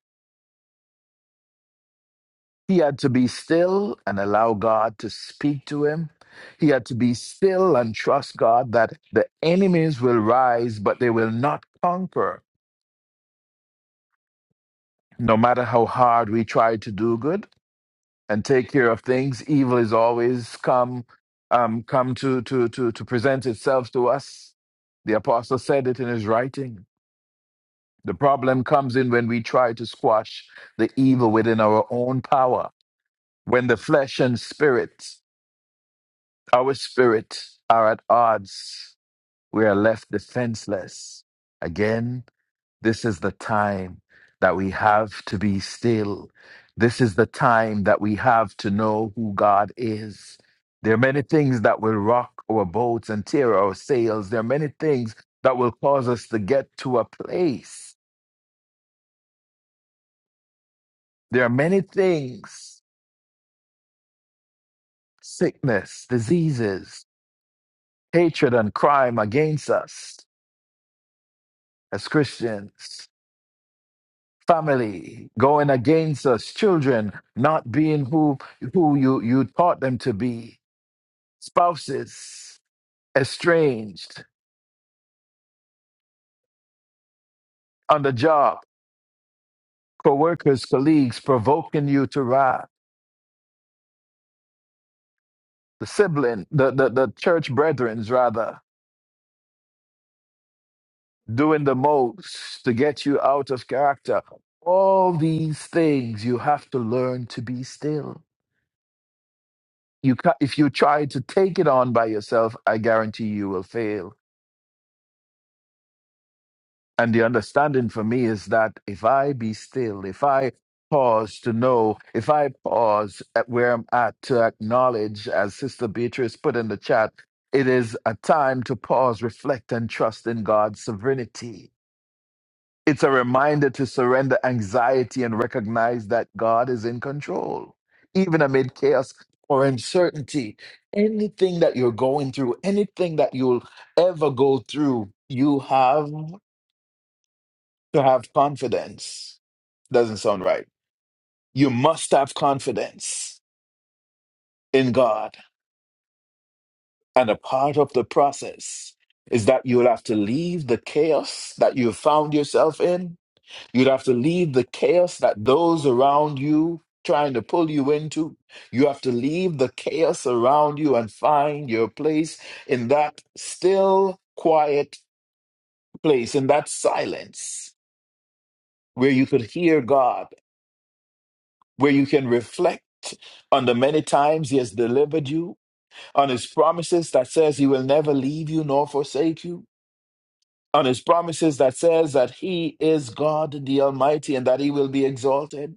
[SPEAKER 3] He had to be still and allow God to speak to him. He had to be still and trust God that the enemies will rise, but they will not conquer. No matter how hard we try to do good, and take care of things. Evil is always come um, come to, to to to present itself to us. The apostle said it in his writing. The problem comes in when we try to squash the evil within our own power, when the flesh and spirit, our spirit, are at odds. We are left defenseless. Again, This is the time that we have to be still. This is the time that we have to know who God is. There are many things that will rock our boats and tear our sails. There are many things that will cause us to get to a place. There are many things sickness, diseases, hatred, and crime against us as Christians, family going against us, children not being who, who you, you taught them to be spouses, estranged, on the job, co-workers, colleagues provoking you to wrath, the sibling, the, the, the church brethrens rather, doing the most to get you out of character. All these things you have to learn to be still. You ca if you try to take it on by yourself, I guarantee you will fail. And the understanding for me is that if I be still, if I pause to know, if I pause at where I'm at to acknowledge, as Sister Beatrice put in the chat, it is a time to pause, reflect, and trust in God's sovereignty. It's a reminder to surrender anxiety and recognize that God is in control, even amid chaos or uncertainty. Anything that you're going through, anything that you'll ever go through, you have to have confidence doesn't sound right. You must have confidence in God. And a part of the process is that you'll have to leave the chaos that you found yourself in. You'd have to leave the chaos that those around you trying to pull you into. You have to leave the chaos around you and find your place in that still, quiet place, in that silence where you could hear God where you can reflect on the many times he has delivered you, on his promises that says he will never leave you nor forsake you, on his promises that says that he is God the Almighty and that he will be exalted.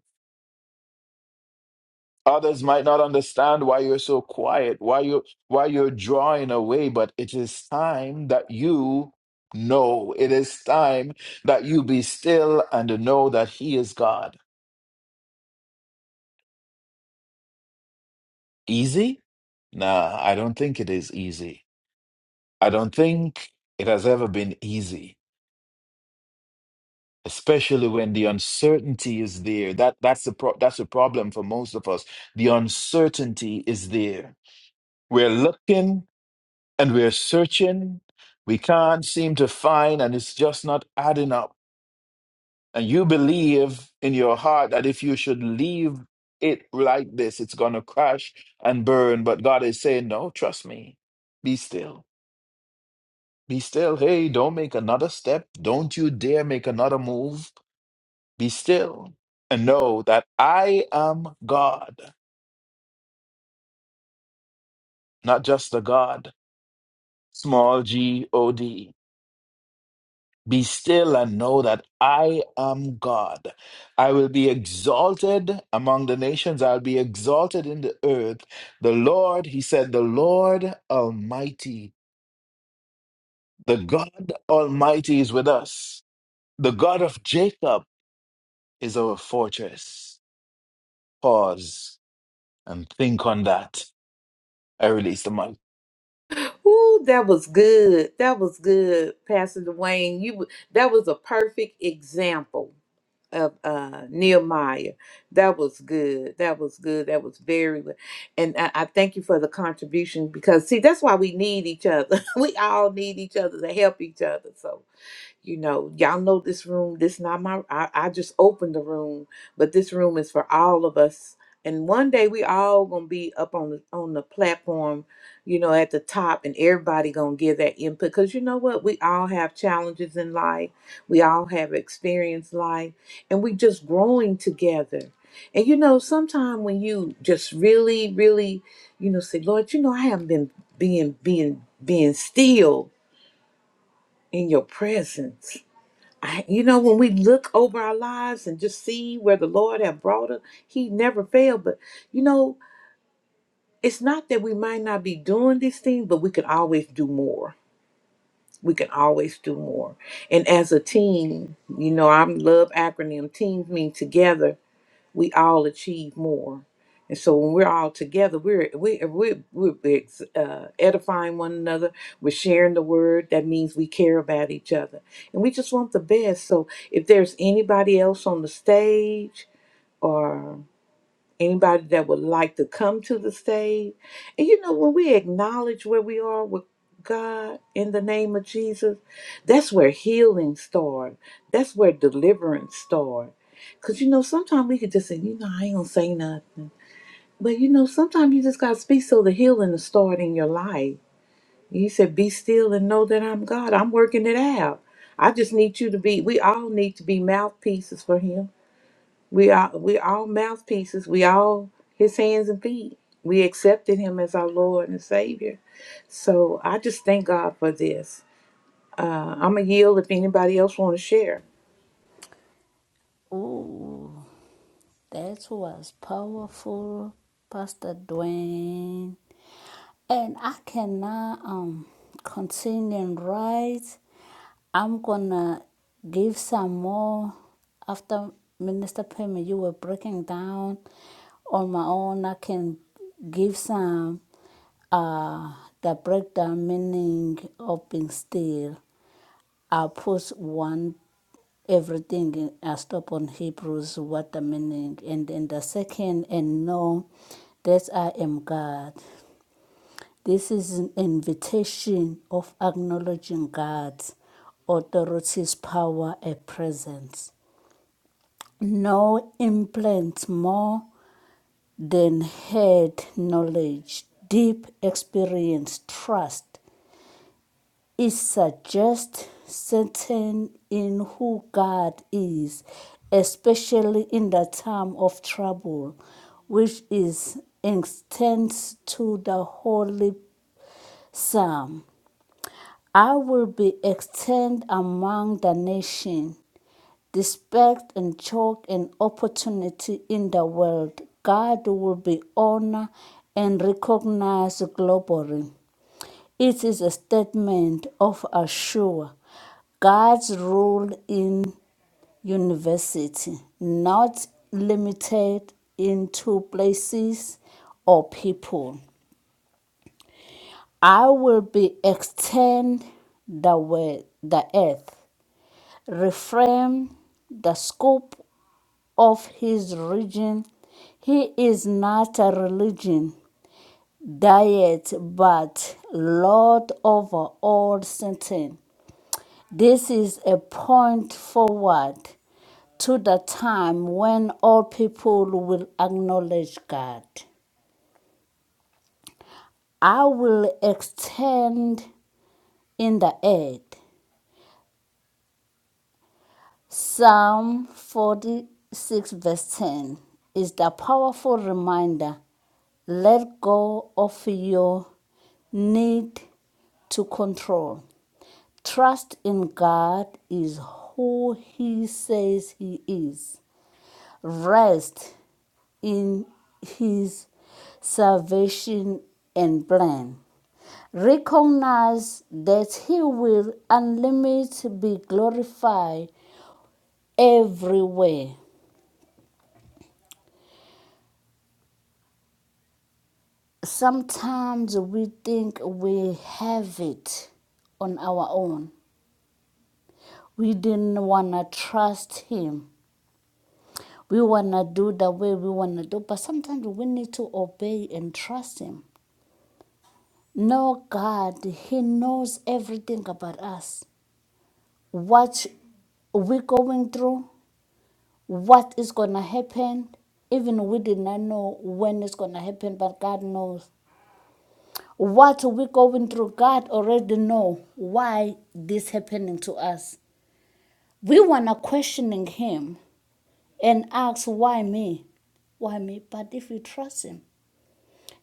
[SPEAKER 3] Others might not understand why you're so quiet, why you why you're drawing away, but it is time that you know. It is time that you be still and know that he is God. Easy? Nah, I don't think it is easy. I don't think it has ever been easy, especially when the uncertainty is there. That that's the pro- that's the problem for most of us. The uncertainty is there. We're looking and we're searching. We can't seem to find, and it's just not adding up. And you believe in your heart that if you should leave it like this, it's going to crash and burn. But God is saying, no, trust me, be still Be still. Hey, don't make another step. Don't you dare make another move. Be still and know that I am God, not just a God, small g O D. Be still and know that I am God. I will be exalted among the nations. I'll be exalted in the earth. The Lord, he said, the Lord Almighty, the God Almighty is with us. The God of Jacob is our fortress. pause and think on that. I release the mic.
[SPEAKER 1] Ooh, that was good. That was good, Pastor Dwayne. You w- that was a perfect example of uh Nehemiah. That was good. That was good. That was very good. And I, I thank you for the contribution because see that's why we need each other. we all need each other to help each other. So you know y'all know this room this not my I, I just opened the room but this room is for all of us and one day we all gonna be up on the on the platform you know at the top and everybody gonna give that input because you know what we all have challenges in life we all have experienced life and we just growing together and you know sometime when you just really really you know say lord you know i haven't been being being being still in your presence I, you know, when we look over our lives and just see where the Lord have brought us, He never failed. But you know, it's not that we might not be doing these things, but we can always do more. We can always do more. And as a team, you know, I love acronym. Teams mean together we all achieve more. And so when we're all together, we're we we're, we're ex- uh, edifying one another. We're sharing the word. That means we care about each other, and we just want the best. So if there's anybody else on the stage, anybody that would like to come to the stage. And you know, when we acknowledge where we are with God in the name of Jesus, that's where healing starts. That's where deliverance starts. Cause you know, sometimes we could just say, you know, I ain't gonna say nothing. But you know, sometimes you just gotta speak so the healing will start in your life. He said, be still and know that I'm God. I'm working it out. I just need you to be, we all need to be mouthpieces for Him we are we all mouthpieces. We all his hands and feet. We accepted him as our Lord and Savior. So I just thank God for this. Uh, I'm gonna yield if anybody else want to share.
[SPEAKER 4] Oh, that was powerful, Pastor Dwayne. And I can now um, continue right. I'm gonna give some more after Minister Pema. You were breaking down on my own. I can give some uh the breakdown meaning of being still. I put one everything I stop on Hebrews what the meaning and then the second and know that I am God. This is an invitation of acknowledging God's authority's power and presence. No implants more than head knowledge, deep experience, trust, It suggests certain in who God is, especially in the time of trouble, which is extends to the holy psalm. I will be extended among the nation, despite and joy and opportunity in the world. God will be honored and recognized globally. It is a statement of assure God's role in university, not limited into places or people. I will be extend the word, the earth, reframe the scope of his region. He is not a religion, diet, but Lord over all sentence. This is a point forward to the time when all people will acknowledge God. I will extend in the earth. Psalm 46, verse 10 is the powerful reminder let go of your need to control. Trust in God is who He says He is. rest in his salvation and plan. Recognize that he will unlimited be glorified everywhere. Sometimes we think we have it on our own. We didn't wanna trust him. We wanna do the way we wanna do, but sometimes we need to obey and trust him. No, God, He knows everything about us. what we're going through, what is going to happen. Even we did not know when it's going to happen, but God knows. What we're going through, God already know why this happening to us. We want to questioning Him and ask, why me? Why me? But if you trust Him,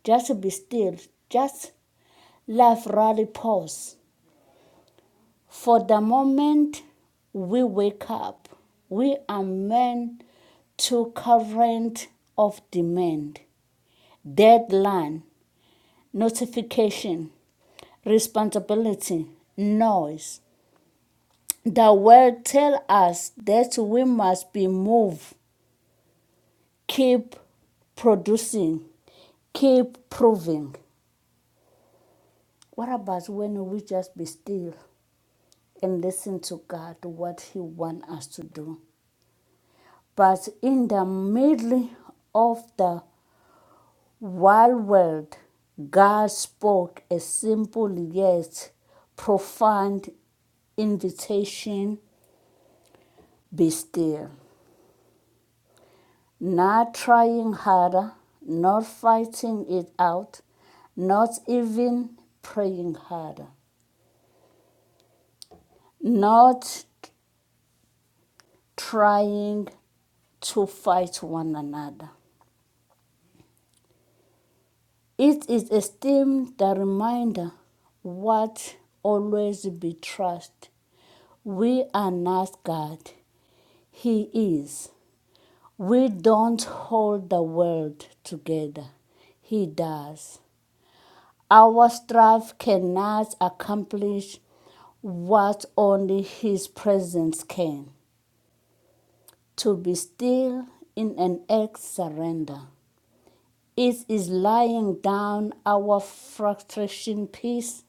[SPEAKER 4] just be still. Just life really pause For the moment we wake up, we are men to current of demand, deadline, notification, responsibility, noise. The world tell us that we must be moved, keep producing, keep proving. What about when we just be still and listen to God what He want us to do? But in the middle of the wild world, God spoke a simple yet profound invitation be still. Not trying harder, not fighting it out, not even praying harder, not trying to fight one another. It is esteemed the reminder what always be trust. We are not God. He is. We don't hold the world together. He does. Our strife cannot accomplish what only His presence can. To be still in an act surrender. It is lying down our frustration peace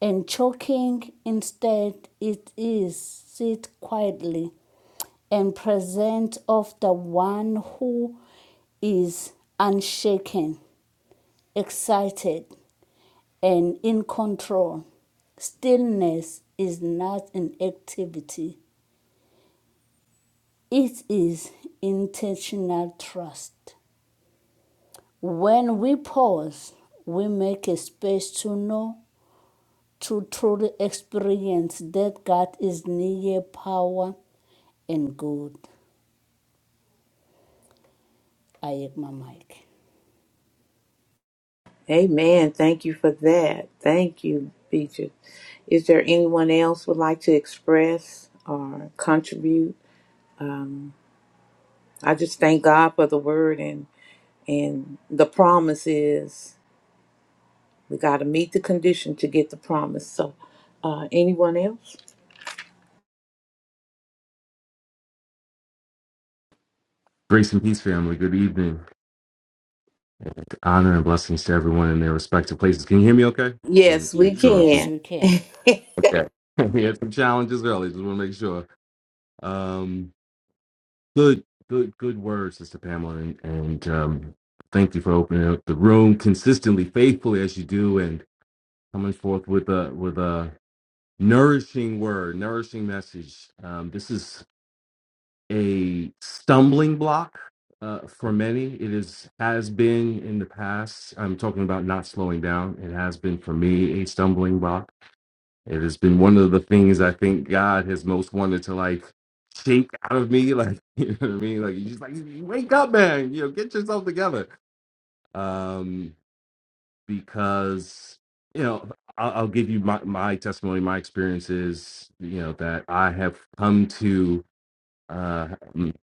[SPEAKER 4] and choking. Instead, it is sit quietly and present of the one who is unshaken, excited, and in control. Stillness is not an activity, it is intentional trust. When we pause, we make a space to know to truly experience that God is near power and good. I have my mic.
[SPEAKER 1] Amen. Thank you for that. Thank you, Beatrice. Is there anyone else would like to express or contribute? Um, I just thank God for the word and and the promise is we got to meet the condition to get the promise. So, uh, anyone else?
[SPEAKER 2] Grace and peace, family. Good evening. And honor and blessings to everyone in their respective places. Can you hear me okay? Just wanna
[SPEAKER 1] Yes, we
[SPEAKER 2] Make sure.
[SPEAKER 4] Yes,
[SPEAKER 1] can.
[SPEAKER 4] we can.
[SPEAKER 2] Okay. we had some challenges early. Just want to make sure. Um, good, good, good words, Sister Pamela. And, and um, thank you for opening up the room consistently, faithfully as you do. coming forth with a with a nourishing word, nourishing message. Um, this is a stumbling block uh, for many. It is has been in the past. I'm talking about not slowing down. It has been for me a stumbling block. It has been one of the things I think God has most wanted to like shake out of me. Like you know what I mean? Like he's just like wake up, man. You know, get yourself together. Um, because you know I'll, I'll give you my, my testimony my experiences. you know that i have come to uh mm,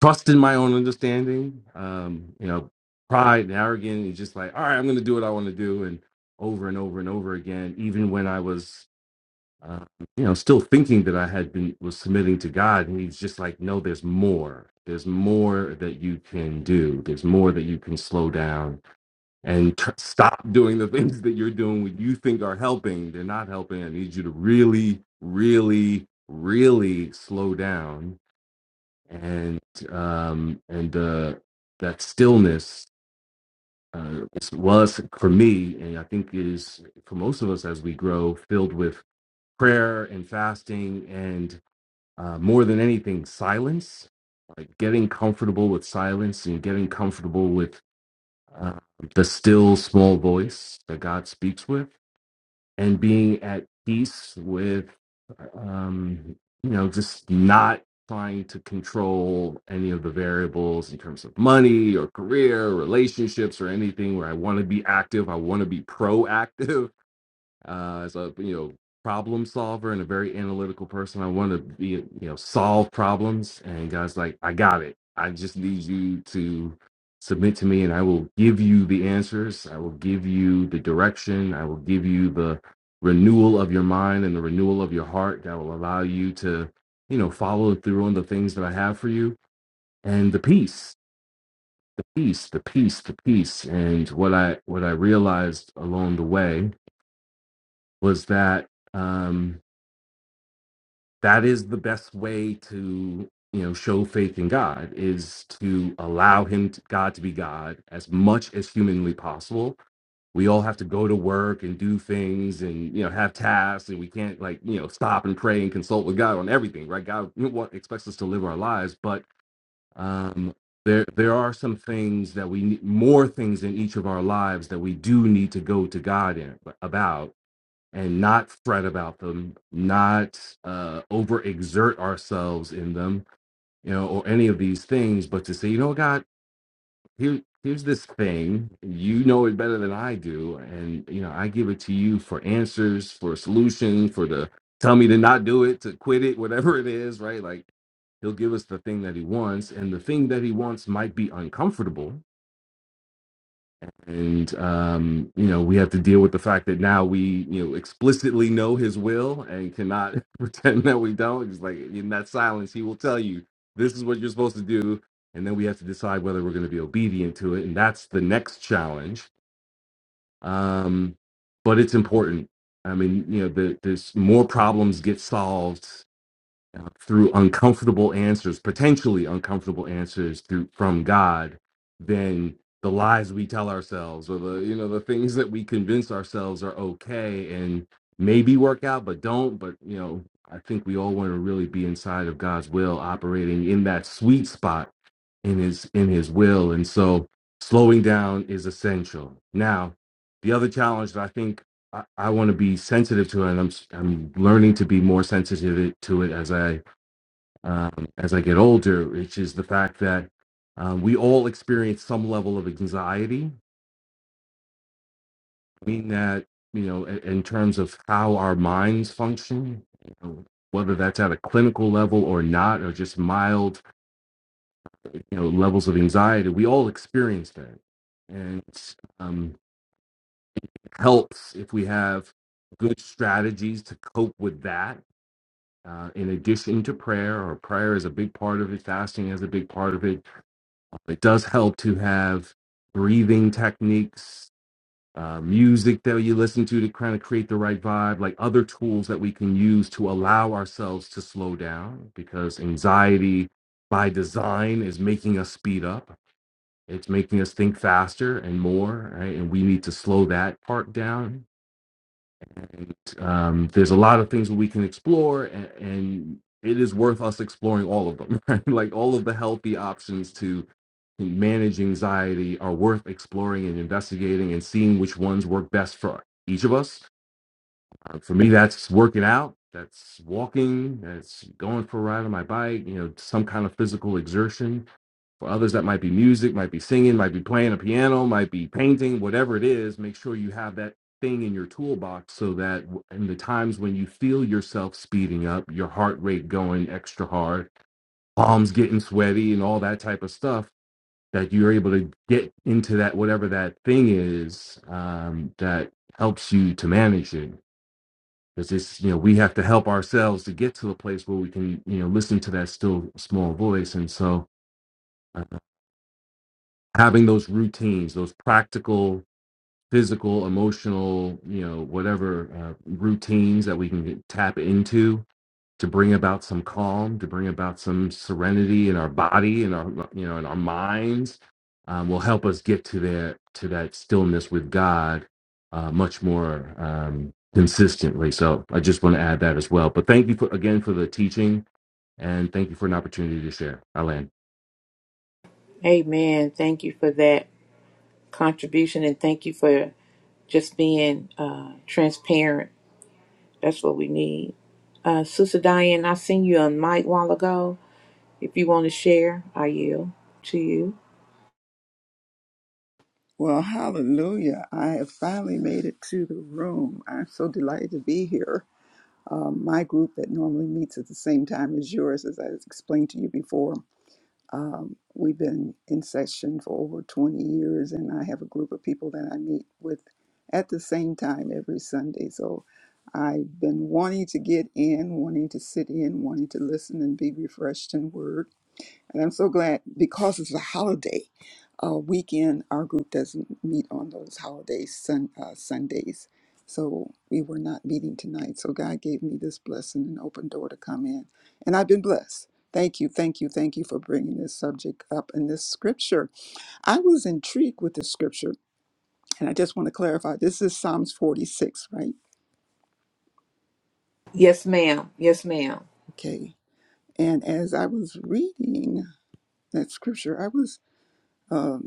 [SPEAKER 2] trust in my own understanding um you know pride and arrogance is just like all right i'm gonna do what i want to do and over and over and over again even when i was uh, you know still thinking that i had been was submitting to god and he's just like no there's more there's more that you can do there's more that you can slow down and t- stop doing the things that you're doing what you think are helping they're not helping i need you to really really really slow down and um and uh that stillness uh, was for me and i think is for most of us as we grow filled with prayer and fasting and uh, more than anything silence like getting comfortable with silence and getting comfortable with uh, the still small voice that God speaks with, and being at peace with, um, you know, just not trying to control any of the variables in terms of money or career, relationships, or anything where I want to be active, I want to be proactive uh, as a you know problem solver and a very analytical person. I want to be you know solve problems. And God's like, I got it. I just need you to submit to me, and I will give you the answers. I will give you the direction. I will give you the renewal of your mind and the renewal of your heart that will allow you to you know follow through on the things that I have for you and the peace the peace the peace the peace and what I what I realized along the way was that um that is the best way to you know show faith in god is to allow him to, god to be god as much as humanly possible we all have to go to work and do things and you know have tasks and we can't like you know stop and pray and consult with god on everything right god what expects us to live our lives but um there there are some things that we need more things in each of our lives that we do need to go to god in, about and not fret about them, not uh, overexert ourselves in them, you know, or any of these things, but to say, you know, God, here, here's this thing. You know it better than I do, and you know, I give it to you for answers, for a solution, for the tell me to not do it, to quit it, whatever it is, right? Like He'll give us the thing that He wants, and the thing that He wants might be uncomfortable and um, you know we have to deal with the fact that now we you know explicitly know his will and cannot pretend that we don't It's like in that silence he will tell you this is what you're supposed to do and then we have to decide whether we're going to be obedient to it and that's the next challenge um, but it's important i mean you know the, there's more problems get solved uh, through uncomfortable answers, potentially uncomfortable answers through from God, then the lies we tell ourselves or the you know the things that we convince ourselves are okay and maybe work out but don't but you know i think we all want to really be inside of god's will operating in that sweet spot in his in his will and so slowing down is essential now the other challenge that i think I, I want to be sensitive to, and I'm s- I'm learning to be more sensitive to it as I um, as I get older, which is the fact that um, we all experience some level of anxiety, meaning that, you know, in, in terms of how our minds function, you know, whether that's at a clinical level or not, or just mild, you know, levels of anxiety, we all experience that. And um, it helps if we have good strategies to cope with that. Uh, in addition to prayer, or prayer is a big part of it, fasting is a big part of it, It does help to have breathing techniques, uh, music that you listen to to kind of create the right vibe, like other tools that we can use to allow ourselves to slow down because anxiety by design is making us speed up. It's making us think faster and more, right? And we need to slow that part down and, um, there's a lot of things that we can explore, and, and it is worth us exploring all of them. Right? Like all of the healthy options to manage anxiety are worth exploring and investigating and seeing which ones work best for each of us. Uh, for me, that's working out, that's walking, that's going for a ride on my bike, you know, some kind of physical exertion for others, that might be music, might be singing, might be playing a piano, might be painting, whatever it is. Make sure you have that thing in your toolbox so that in the times when you feel yourself speeding up, your heart rate going extra hard, palms getting sweaty, and all that type of stuff, that you're able to get into that whatever that thing is um, that helps you to manage it. Because it's you know we have to help ourselves to get to a place where we can you know listen to that still small voice, and so having those routines, those practical, physical, emotional, you know, whatever uh, routines that we can get, tap into to bring about some calm, to bring about some serenity in our body and our, you know, in our minds, um, will help us get to that to that stillness with God uh, much more um, consistently. So I just want to add that as well. But thank you for, again for the teaching, and thank you for an opportunity to share. Alan.
[SPEAKER 1] Amen. Thank you for that contribution and thank you for just being uh, transparent. That's what we need. Uh, Sister Diane, I seen you on mic while ago. If you want to share, I yield to you.
[SPEAKER 5] Well, hallelujah. I have finally made it to the room. I'm so delighted to be here. Um, my group that normally meets at the same time as yours, as I explained to you before, um, we've been in session for over 20 years, and I have a group of people that I meet with at the same time every Sunday. So I've been wanting to get in, wanting to sit in, wanting to listen and be refreshed in word. And I'm so glad because it's a holiday uh, weekend, our group doesn't meet on those holidays, sun, uh, Sundays. So we were not meeting tonight. So God gave me this blessing and open door to come in. And I've been blessed. Thank you, thank you, thank you for bringing this subject up in this scripture. I was intrigued with this scripture, and I just want to clarify this is Psalms 46, right?
[SPEAKER 1] Yes, ma'am. Yes, ma'am.
[SPEAKER 5] Okay. And as I was reading that scripture, I was um,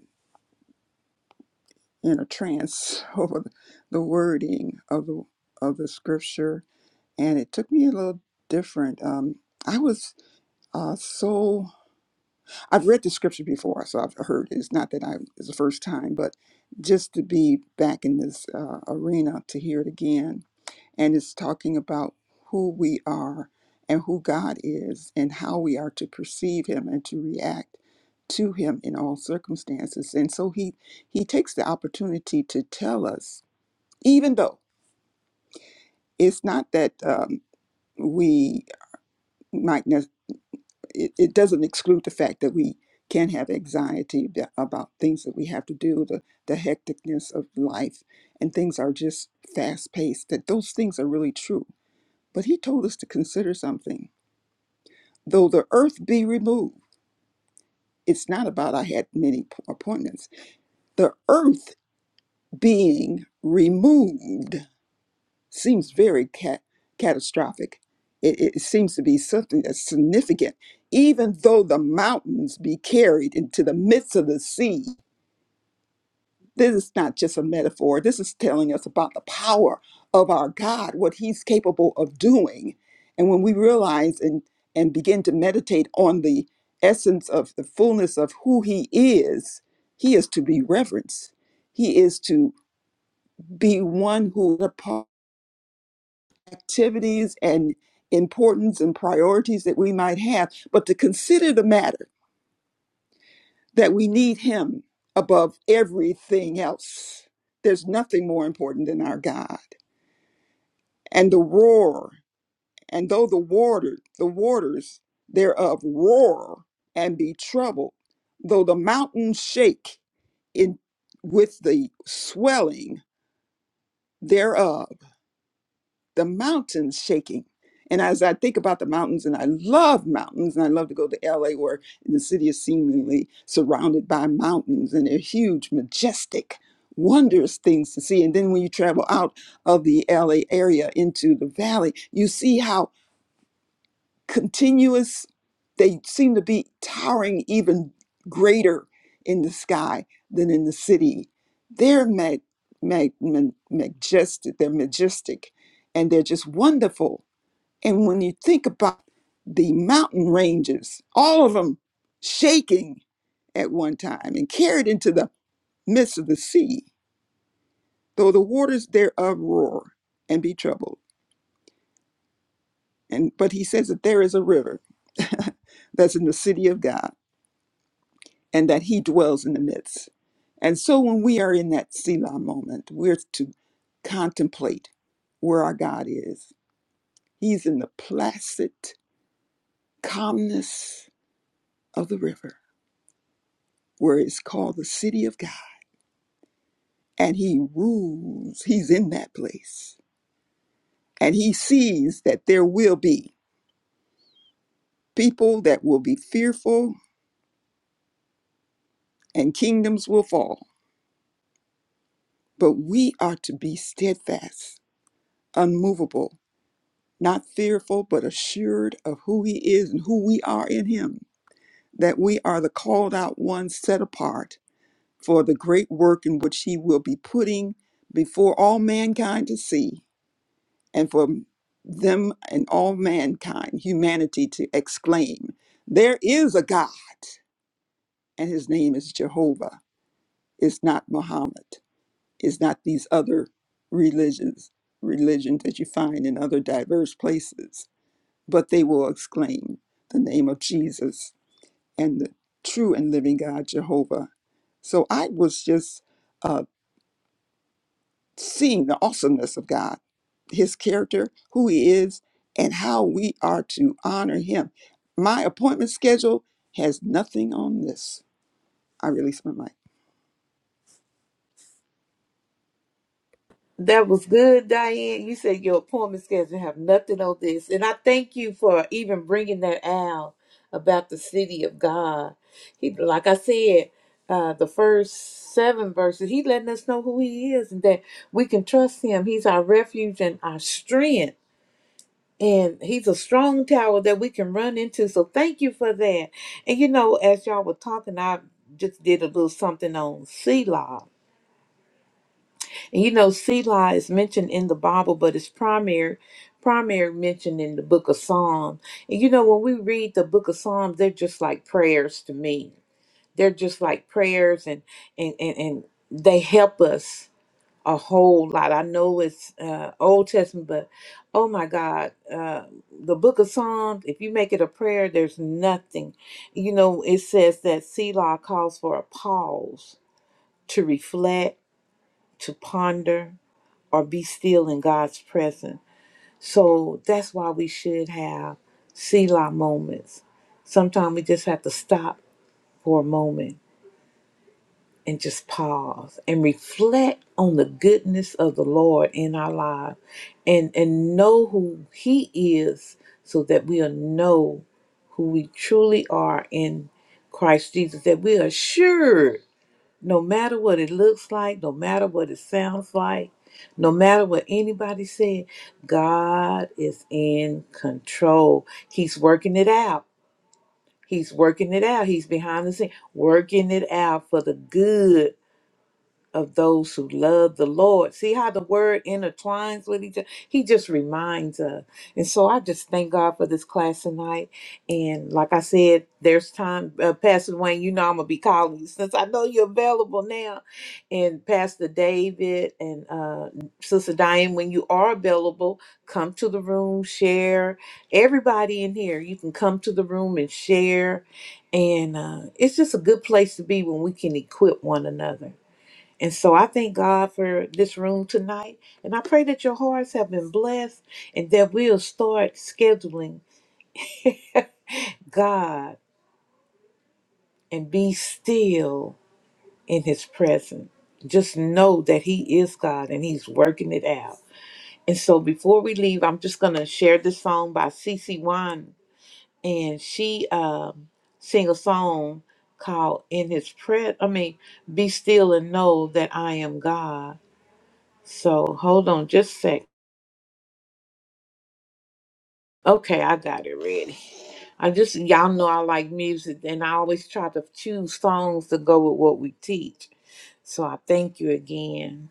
[SPEAKER 5] in a trance over the wording of the of the scripture, and it took me a little different. Um, I was uh, so I've read the scripture before, so I've heard it. It's not that I it's the first time, but just to be back in this uh, arena to hear it again, and it's talking about who we are and who God is, and how we are to perceive Him and to react to Him in all circumstances. And so He He takes the opportunity to tell us even though it's not that um, we might ne- it, it doesn't exclude the fact that we can have anxiety ab- about things that we have to do the, the hecticness of life and things are just fast paced that those things are really true but he told us to consider something though the earth be removed it's not about i had many p- appointments the earth being removed seems very cat- catastrophic. It, it seems to be something that's significant, even though the mountains be carried into the midst of the sea. This is not just a metaphor. This is telling us about the power of our God, what He's capable of doing. And when we realize and, and begin to meditate on the essence of the fullness of who He is, He is to be reverenced. He is to be one who apart. activities and importance and priorities that we might have, but to consider the matter that we need Him above everything else. There's nothing more important than our God. And the roar, and though the water, the waters thereof roar and be troubled, though the mountains shake in with the swelling thereof the mountains shaking. And as I think about the mountains, and I love mountains, and I love to go to LA where the city is seemingly surrounded by mountains, and they're huge, majestic, wondrous things to see. And then when you travel out of the LA area into the valley, you see how continuous. They seem to be towering even greater in the sky than in the city. They're mag- mag- mag- majestic. They're majestic, and they're just wonderful. And when you think about the mountain ranges, all of them shaking at one time and carried into the midst of the sea, though the waters thereof roar and be troubled. And but he says that there is a river that's in the city of God and that He dwells in the midst. And so when we are in that Selah moment, we're to contemplate where our God is. He's in the placid calmness of the river, where it's called the city of God. And He rules, He's in that place. And He sees that there will be people that will be fearful and kingdoms will fall. But we are to be steadfast, unmovable not fearful, but assured of who He is and who we are in Him, that we are the called out ones set apart for the great work in which He will be putting before all mankind to see, and for them and all mankind, humanity, to exclaim, There is a God, and His name is Jehovah. It's not Muhammad, it's not these other religions, religions that you find in other diverse places but they will exclaim the name of Jesus and the true and living God, Jehovah. So I was just uh, seeing the awesomeness of God, His character, who He is, and how we are to honor Him. My appointment schedule has nothing on this. I release my mic.
[SPEAKER 1] That was good, Diane. You said your appointment schedule have nothing on this. And I thank you for even bringing that out about the city of God. He, like I said, uh, the first seven verses, he letting us know who he is and that we can trust him. He's our refuge and our strength. And he's a strong tower that we can run into. So thank you for that. And you know, as y'all were talking, I just did a little something on Selah and you know, Selah is mentioned in the Bible, but it's primary primary mentioned in the book of Psalms. And you know, when we read the book of Psalms, they're just like prayers to me. They're just like prayers and and and, and they help us a whole lot. I know it's uh Old Testament, but oh my God, uh the book of Psalms, if you make it a prayer, there's nothing. You know, it says that Selah calls for a pause to reflect, to ponder or be still in God's presence. So that's why we should have Selah moments. Sometimes we just have to stop for a moment and just pause and reflect on the goodness of the Lord in our lives and, and know who He is so that we'll know who we truly are in Christ Jesus, that we are assured no matter what it looks like, no matter what it sounds like, no matter what anybody said, God is in control. He's working it out. He's working it out. He's behind the scene, working it out for the good of those who love the Lord. See how the word intertwines with each other? He just reminds us. And so I just thank God for this class tonight. And like I said, there's time. Uh, Pastor Wayne, you know I'm going to be calling you since I know you're available now. And Pastor David and uh, Sister Diane, when you are available, come to the room, share. Everybody in here, you can come to the room and share. And uh, it's just a good place to be when we can equip one another. And so I thank God for this room tonight. And I pray that your hearts have been blessed and that we'll start scheduling God and be still in his presence. Just know that he is God and he's working it out. And so before we leave, I'm just going to share this song by CeCe Wine. And she um, sing a song called In His Presence. I mean, be still and know that I am God. So hold on just a sec. Okay, I got it ready. I just y'all know I like music and I always try to choose songs to go with what we teach. So I thank you again.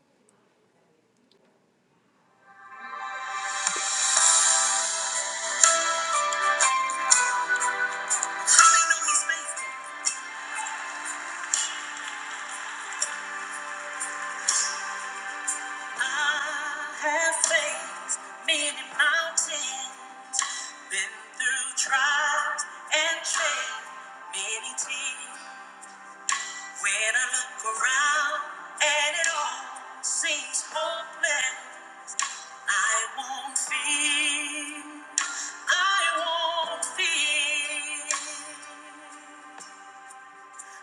[SPEAKER 1] I have faced many mountains, been through trials and shed many tears. When I look around and it all seems hopeless, I won't fear. I won't fear.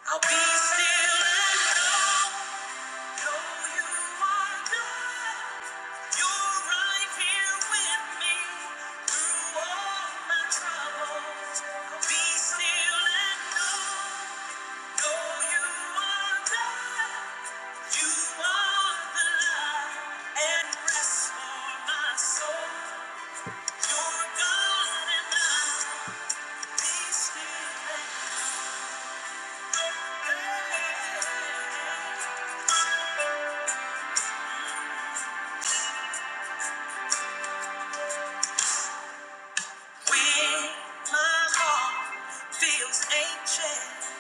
[SPEAKER 1] I'll be still and know you are good. You're right here with me through all my troubles. I'll be still and know, know you are good. You are the love and rest for my soul. You're God and I. When my heart feels anxious,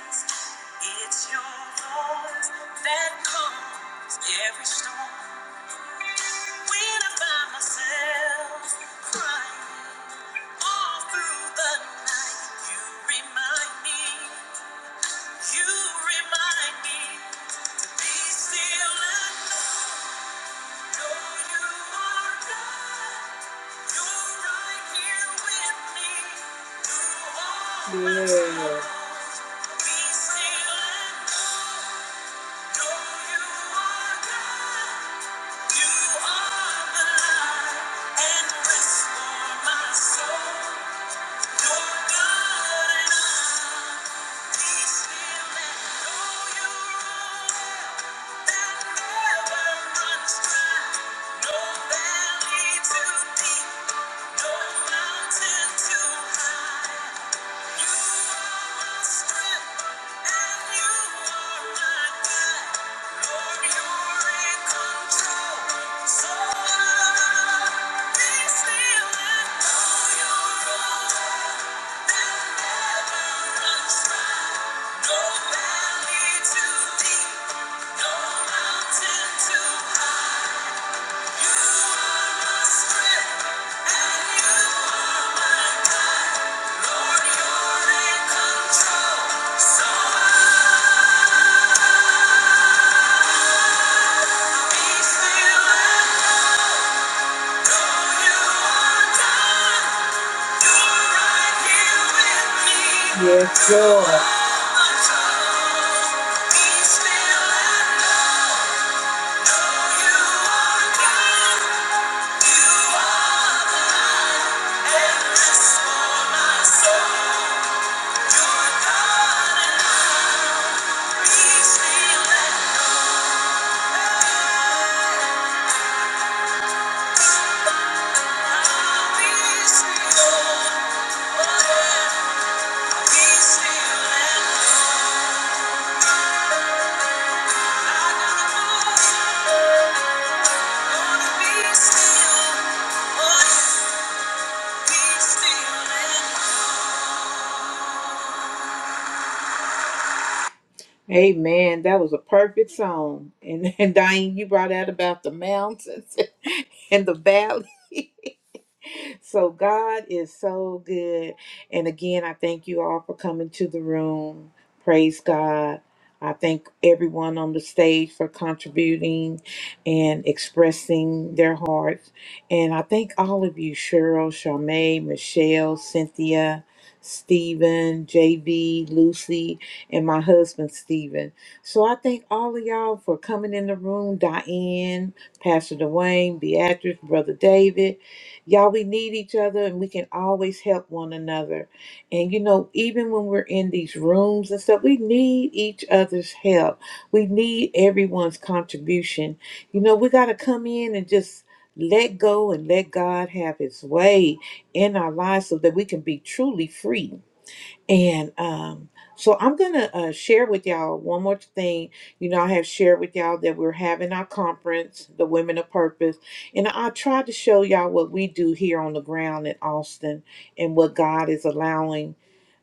[SPEAKER 1] it's your voice that calms every storm. When I find myself crying all through the night, you remind me, you remind me to be still and know you are God. Yeah. Thank you Yes, Lord. Amen. That was a perfect song. And, and Diane, you brought out about the mountains. in the valley. So God is so good. And again, I thank you all for coming to the room. Praise God. I thank everyone on the stage for contributing and expressing their hearts. And I thank all of you, Cheryl, Charmaine, Michelle, Cynthia, Stephen, JB, Lucy, and my husband, Stephen. So I thank all of y'all for coming in the room, Diane, Pastor Dwayne, Beatrice, Brother David. Y'all, we need each other and we can always help one another. And you know, even when we're in these rooms and stuff, we need each other's help. We need everyone's contribution. You know, we got to come in and just let go and let God have his way in our lives so that we can be truly free and um, so I'm going to uh, share with y'all one more thing. You know, I have shared with y'all that we're having our conference, the Women of Purpose. And I tried to show y'all what we do here on the ground in Austin and what God is allowing.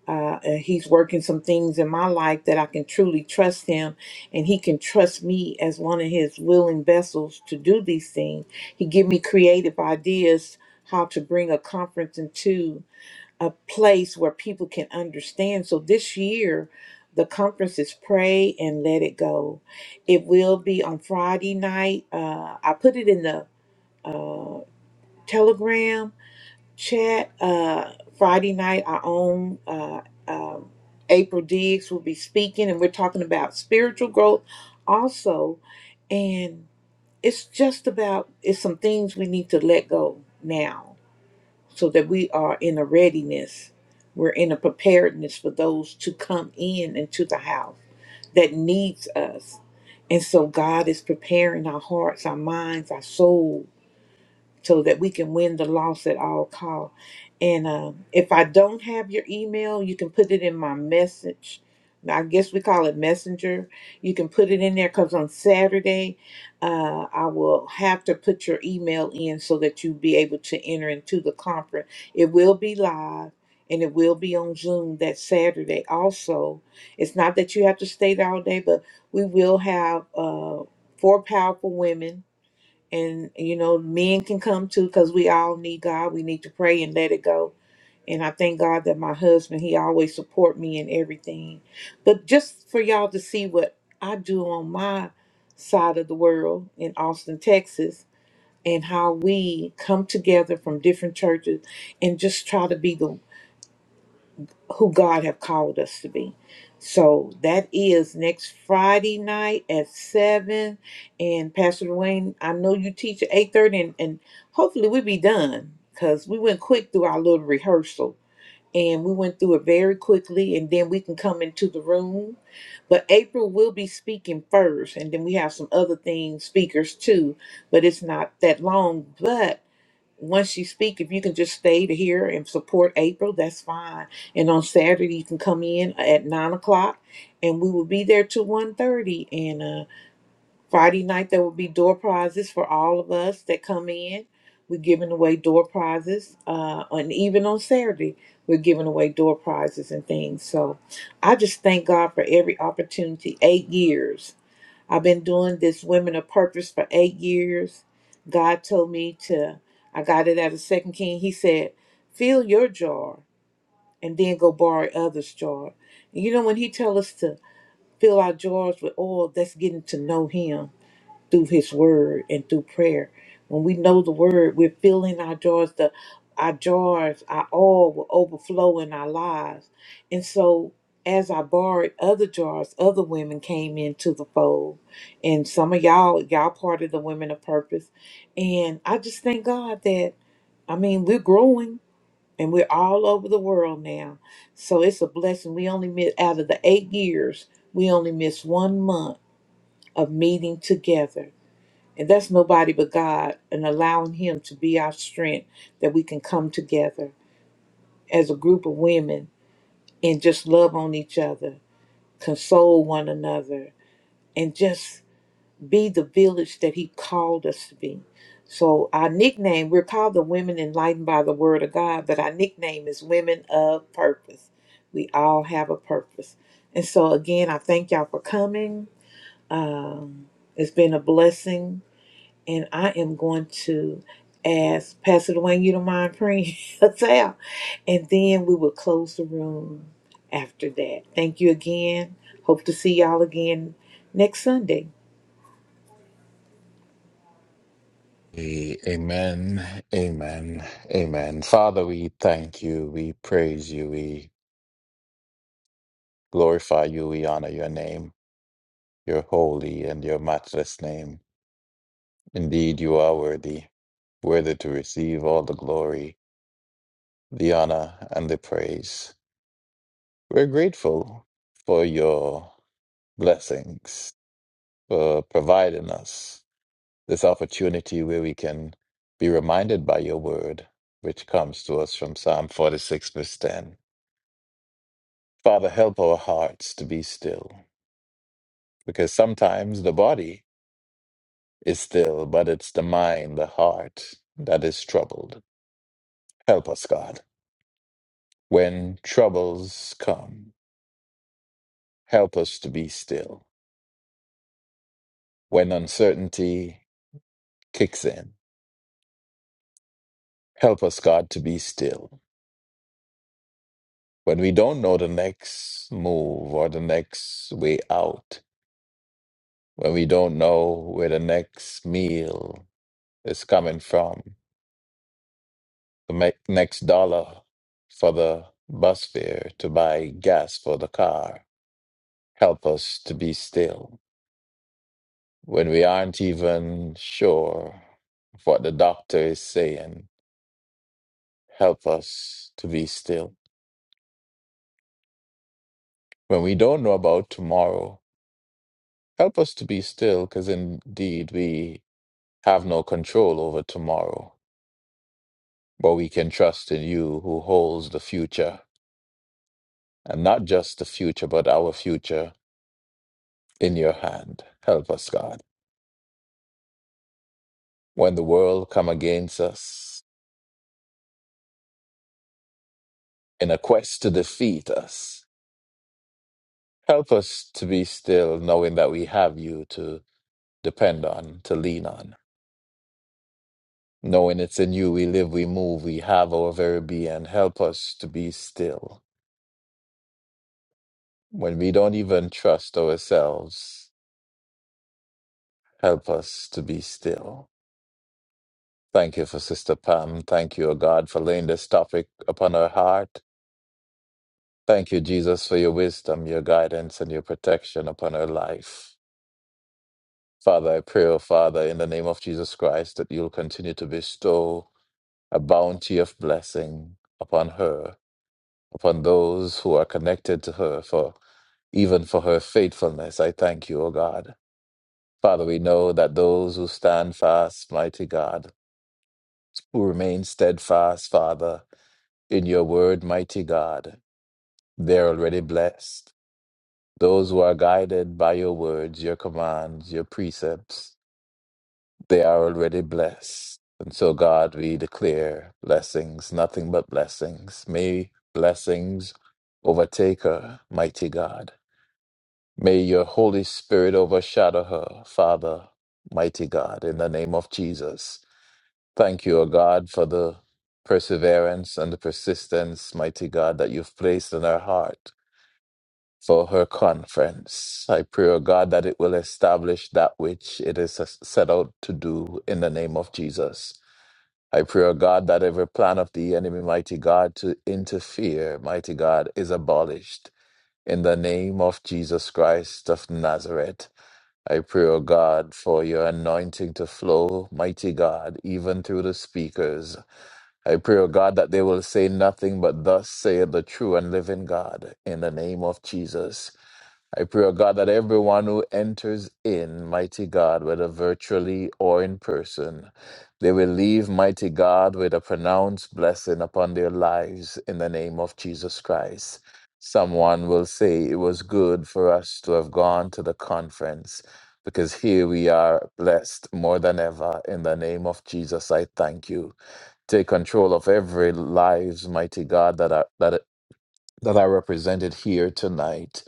[SPEAKER 1] Uh, and he's working some things in my life that I can truly trust him, and he can trust me as one of his willing vessels to do these things. He give me creative ideas how to bring a conference into a place where people can understand. So this year, the conference is Pray and Let It Go. It will be on Friday night. Uh, I put it in the uh, Telegram chat. Uh, Friday night, our own uh, um, April Diggs will be speaking, and we're talking about spiritual growth also. And it's just about it's some things we need to let go now so that we are in a readiness. We're in a preparedness for those to come in into the house that needs us. And so God is preparing our hearts, our minds, our souls so that we can win the loss at all cost. And uh, if I don't have your email, you can put it in my message. I guess we call it messenger. You can put it in there because on Saturday, uh, I will have to put your email in so that you'll be able to enter into the conference. It will be live and it will be on Zoom that Saturday also. It's not that you have to stay there all day, but we will have uh, four powerful women and you know men can come too because we all need god we need to pray and let it go and i thank god that my husband he always support me in everything but just for y'all to see what i do on my side of the world in austin texas and how we come together from different churches and just try to be the who God have called us to be. So that is next Friday night at seven. And Pastor Dwayne, I know you teach at eight thirty, and, and hopefully we be done because we went quick through our little rehearsal and we went through it very quickly, and then we can come into the room. But April will be speaking first, and then we have some other things speakers too. But it's not that long, but once you speak, if you can just stay to hear and support April, that's fine. And on Saturday, you can come in at nine o'clock, and we will be there till one thirty. And uh, Friday night, there will be door prizes for all of us that come in. We're giving away door prizes, uh, and even on Saturday, we're giving away door prizes and things. So, I just thank God for every opportunity. Eight years I've been doing this Women of Purpose for eight years. God told me to, I got it out of Second King. He said, fill your jar and then go borrow others' jar. And you know, when he tell us to fill our jars with oil, that's getting to know him through his word and through prayer. When we know the word, we're filling our jars, the our jars, our all will overflow in our lives. And so as I borrowed other jars, other women came into the fold. And some of y'all, y'all part of the women of purpose. And I just thank God that I mean we're growing and we're all over the world now. So it's a blessing. We only miss out of the eight years, we only missed one month of meeting together and that's nobody but God and allowing Him to be our strength that we can come together as a group of women and just love on each other, console one another, and just be the village that He called us to be. So, our nickname, we're called the Women Enlightened by the Word of God, but our nickname is Women of Purpose. We all have a purpose. And so, again, I thank y'all for coming. Um, it's been a blessing and I am going to ask Pastor Dwayne, you don't mind praying us out. And then we will close the room after that. Thank you again. Hope to see y'all again next Sunday.
[SPEAKER 3] A- Amen. Amen. Amen. Father, we thank you. We praise you. We glorify you. We honor your name, your holy and your matchless name. Indeed, you are worthy, worthy to receive all the glory, the honor, and the praise. We're grateful for your blessings, for providing us this opportunity where we can be reminded by your word, which comes to us from Psalm 46, verse 10. Father, help our hearts to be still, because sometimes the body is still, but it's the mind, the heart that is troubled. Help us, God. When troubles come, help us to be still. When uncertainty kicks in, help us, God, to be still. When we don't know the next move or the next way out, when we don't know where the next meal is coming from, the me- next dollar for the bus fare to buy gas for the car. Help us to be still when we aren't even sure of what the doctor is saying. Help us to be still when we don't know about tomorrow. Help us to be still, because indeed we have no control over tomorrow, but we can trust in you who holds the future. and not just the future, but our future in your hand. Help us, God. When the world come against us in a quest to defeat us, help us to be still, knowing that we have you to depend on, to lean on. Knowing it's in you we live, we move, we have our very being. Help us to be still. When we don't even trust ourselves, help us to be still. Thank you for Sister Pam. Thank you, O God, for laying this topic upon her heart. Thank you, Jesus, for your wisdom, your guidance, and your protection upon her life. Father, I pray, O Father, in the name of Jesus Christ, that you'll continue to bestow a bounty of blessing upon her, upon those who are connected to her, for even for her faithfulness. I thank you, O God. Father, we know that those who stand fast, mighty God, who remain steadfast, Father, in your word, mighty God, they're already blessed. Those who are guided by your words, your commands, your precepts, they are already blessed. And so, God, we declare blessings, nothing but blessings. May blessings overtake her, mighty God. May your Holy Spirit overshadow her, Father, mighty God, in the name of Jesus. Thank you, O God, for the perseverance and the persistence, mighty God, that you've placed in her heart for her conference. I pray, O God, that it will establish that which it is set out to do in the name of Jesus. I pray, O God, that every plan of the enemy, mighty God, to interfere, mighty God, is abolished in the name of Jesus Christ of Nazareth. I pray, O God, for your anointing to flow, mighty God, even through the speakers. I pray, O God, that they will say nothing but thus saith the true and living God in the name of Jesus. I pray, O God, that everyone who enters in, mighty God, whether virtually or in person, they will leave, mighty God, with a pronounced blessing upon their lives in the name of Jesus Christ. Someone will say it was good for us to have gone to the conference because here we are blessed more than ever. In the name of Jesus, I thank you. Take control of every lives, mighty God, that are that that are represented here tonight.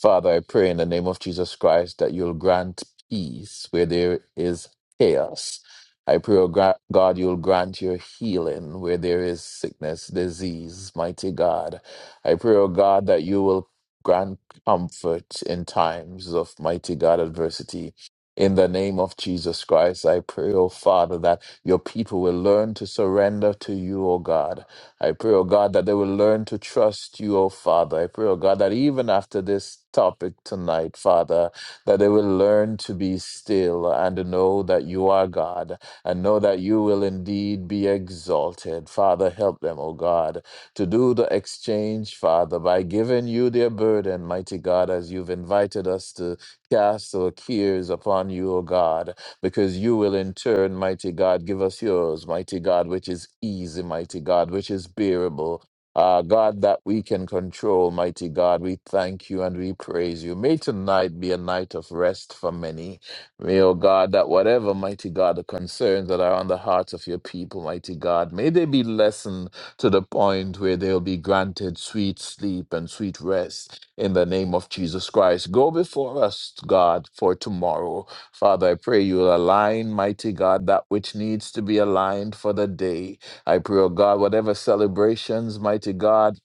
[SPEAKER 3] Father, I pray in the name of Jesus Christ that you'll grant peace where there is chaos. I pray, oh gra- God, you'll grant your healing where there is sickness, disease, mighty God. I pray, oh God, that you will grant comfort in times of mighty God adversity. In the name of Jesus Christ, I pray, oh Father, that your people will learn to surrender to you, oh God I pray, oh God, that they will learn to trust you, oh Father. I pray, oh God, that even after this topic tonight, Father, that they will learn to be still and to know that you are God and know that you will indeed be exalted. Father, help them, oh God, to do the exchange, Father, by giving you their burden, mighty God, as you've invited us to cast our cares upon you, O God because you will in turn, mighty God, give us yours, mighty God, which is easy, mighty God, which is bearable. Ah, God, that we can control, mighty God, we thank you and we praise you. May tonight be a night of rest for many. May, oh God, that whatever, mighty God, the concerns that are on the hearts of your people, mighty God, may they be lessened to the point where they'll be granted sweet sleep and sweet rest in the name of Jesus Christ. Go before us, God, for tomorrow. Father, I pray you'll align, mighty God, that which needs to be aligned for the day. I pray, oh God, whatever celebrations, mighty God,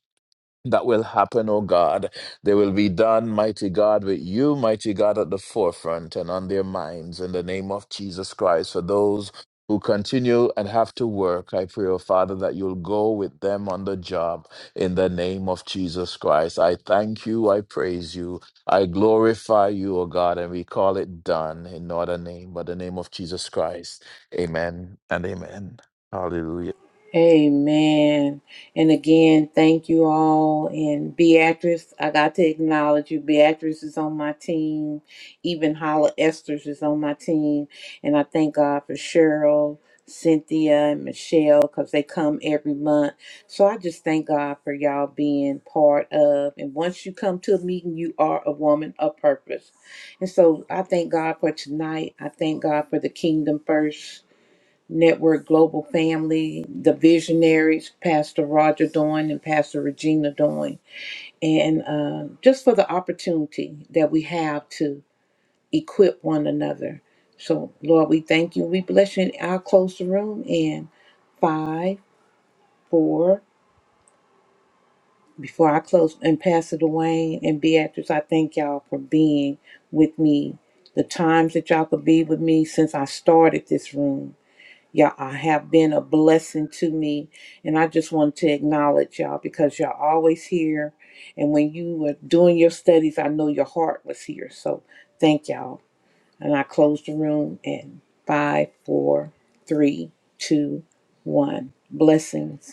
[SPEAKER 3] that will happen, O God. They will be done, mighty God, with you, mighty God, at the forefront and on their minds in the name of Jesus Christ. For those who continue and have to work, I pray, O Father, that you'll go with them on the job in the name of Jesus Christ. I thank you, I praise you, I glorify you, O God, and we call it done in not a name, but the name of Jesus Christ. Amen and amen. Hallelujah.
[SPEAKER 1] Amen. And again, thank you all. And Beatrice, I got to acknowledge you. Beatrice is on my team. Even Holla Esther's is on my team. And I thank God for Cheryl, Cynthia, and Michelle because they come every month. So I just thank God for y'all being part of. And once you come to a meeting, you are a woman of purpose. And so I thank God for tonight. I thank God for the kingdom first. Network Global Family, the visionaries, Pastor Roger Doyne and Pastor Regina Doyne, and uh, just for the opportunity that we have to equip one another. So, Lord, we thank you. We bless you. And I'll close the room in five, four, before I close, and Pastor Dwayne and Beatrice, I thank y'all for being with me. The times that y'all could be with me since I started this room. Y'all uh, have been a blessing to me. And I just want to acknowledge y'all because y'all always here. And when you were doing your studies, I know your heart was here. So thank y'all. And I close the room in five, four, three, two, one. Blessings.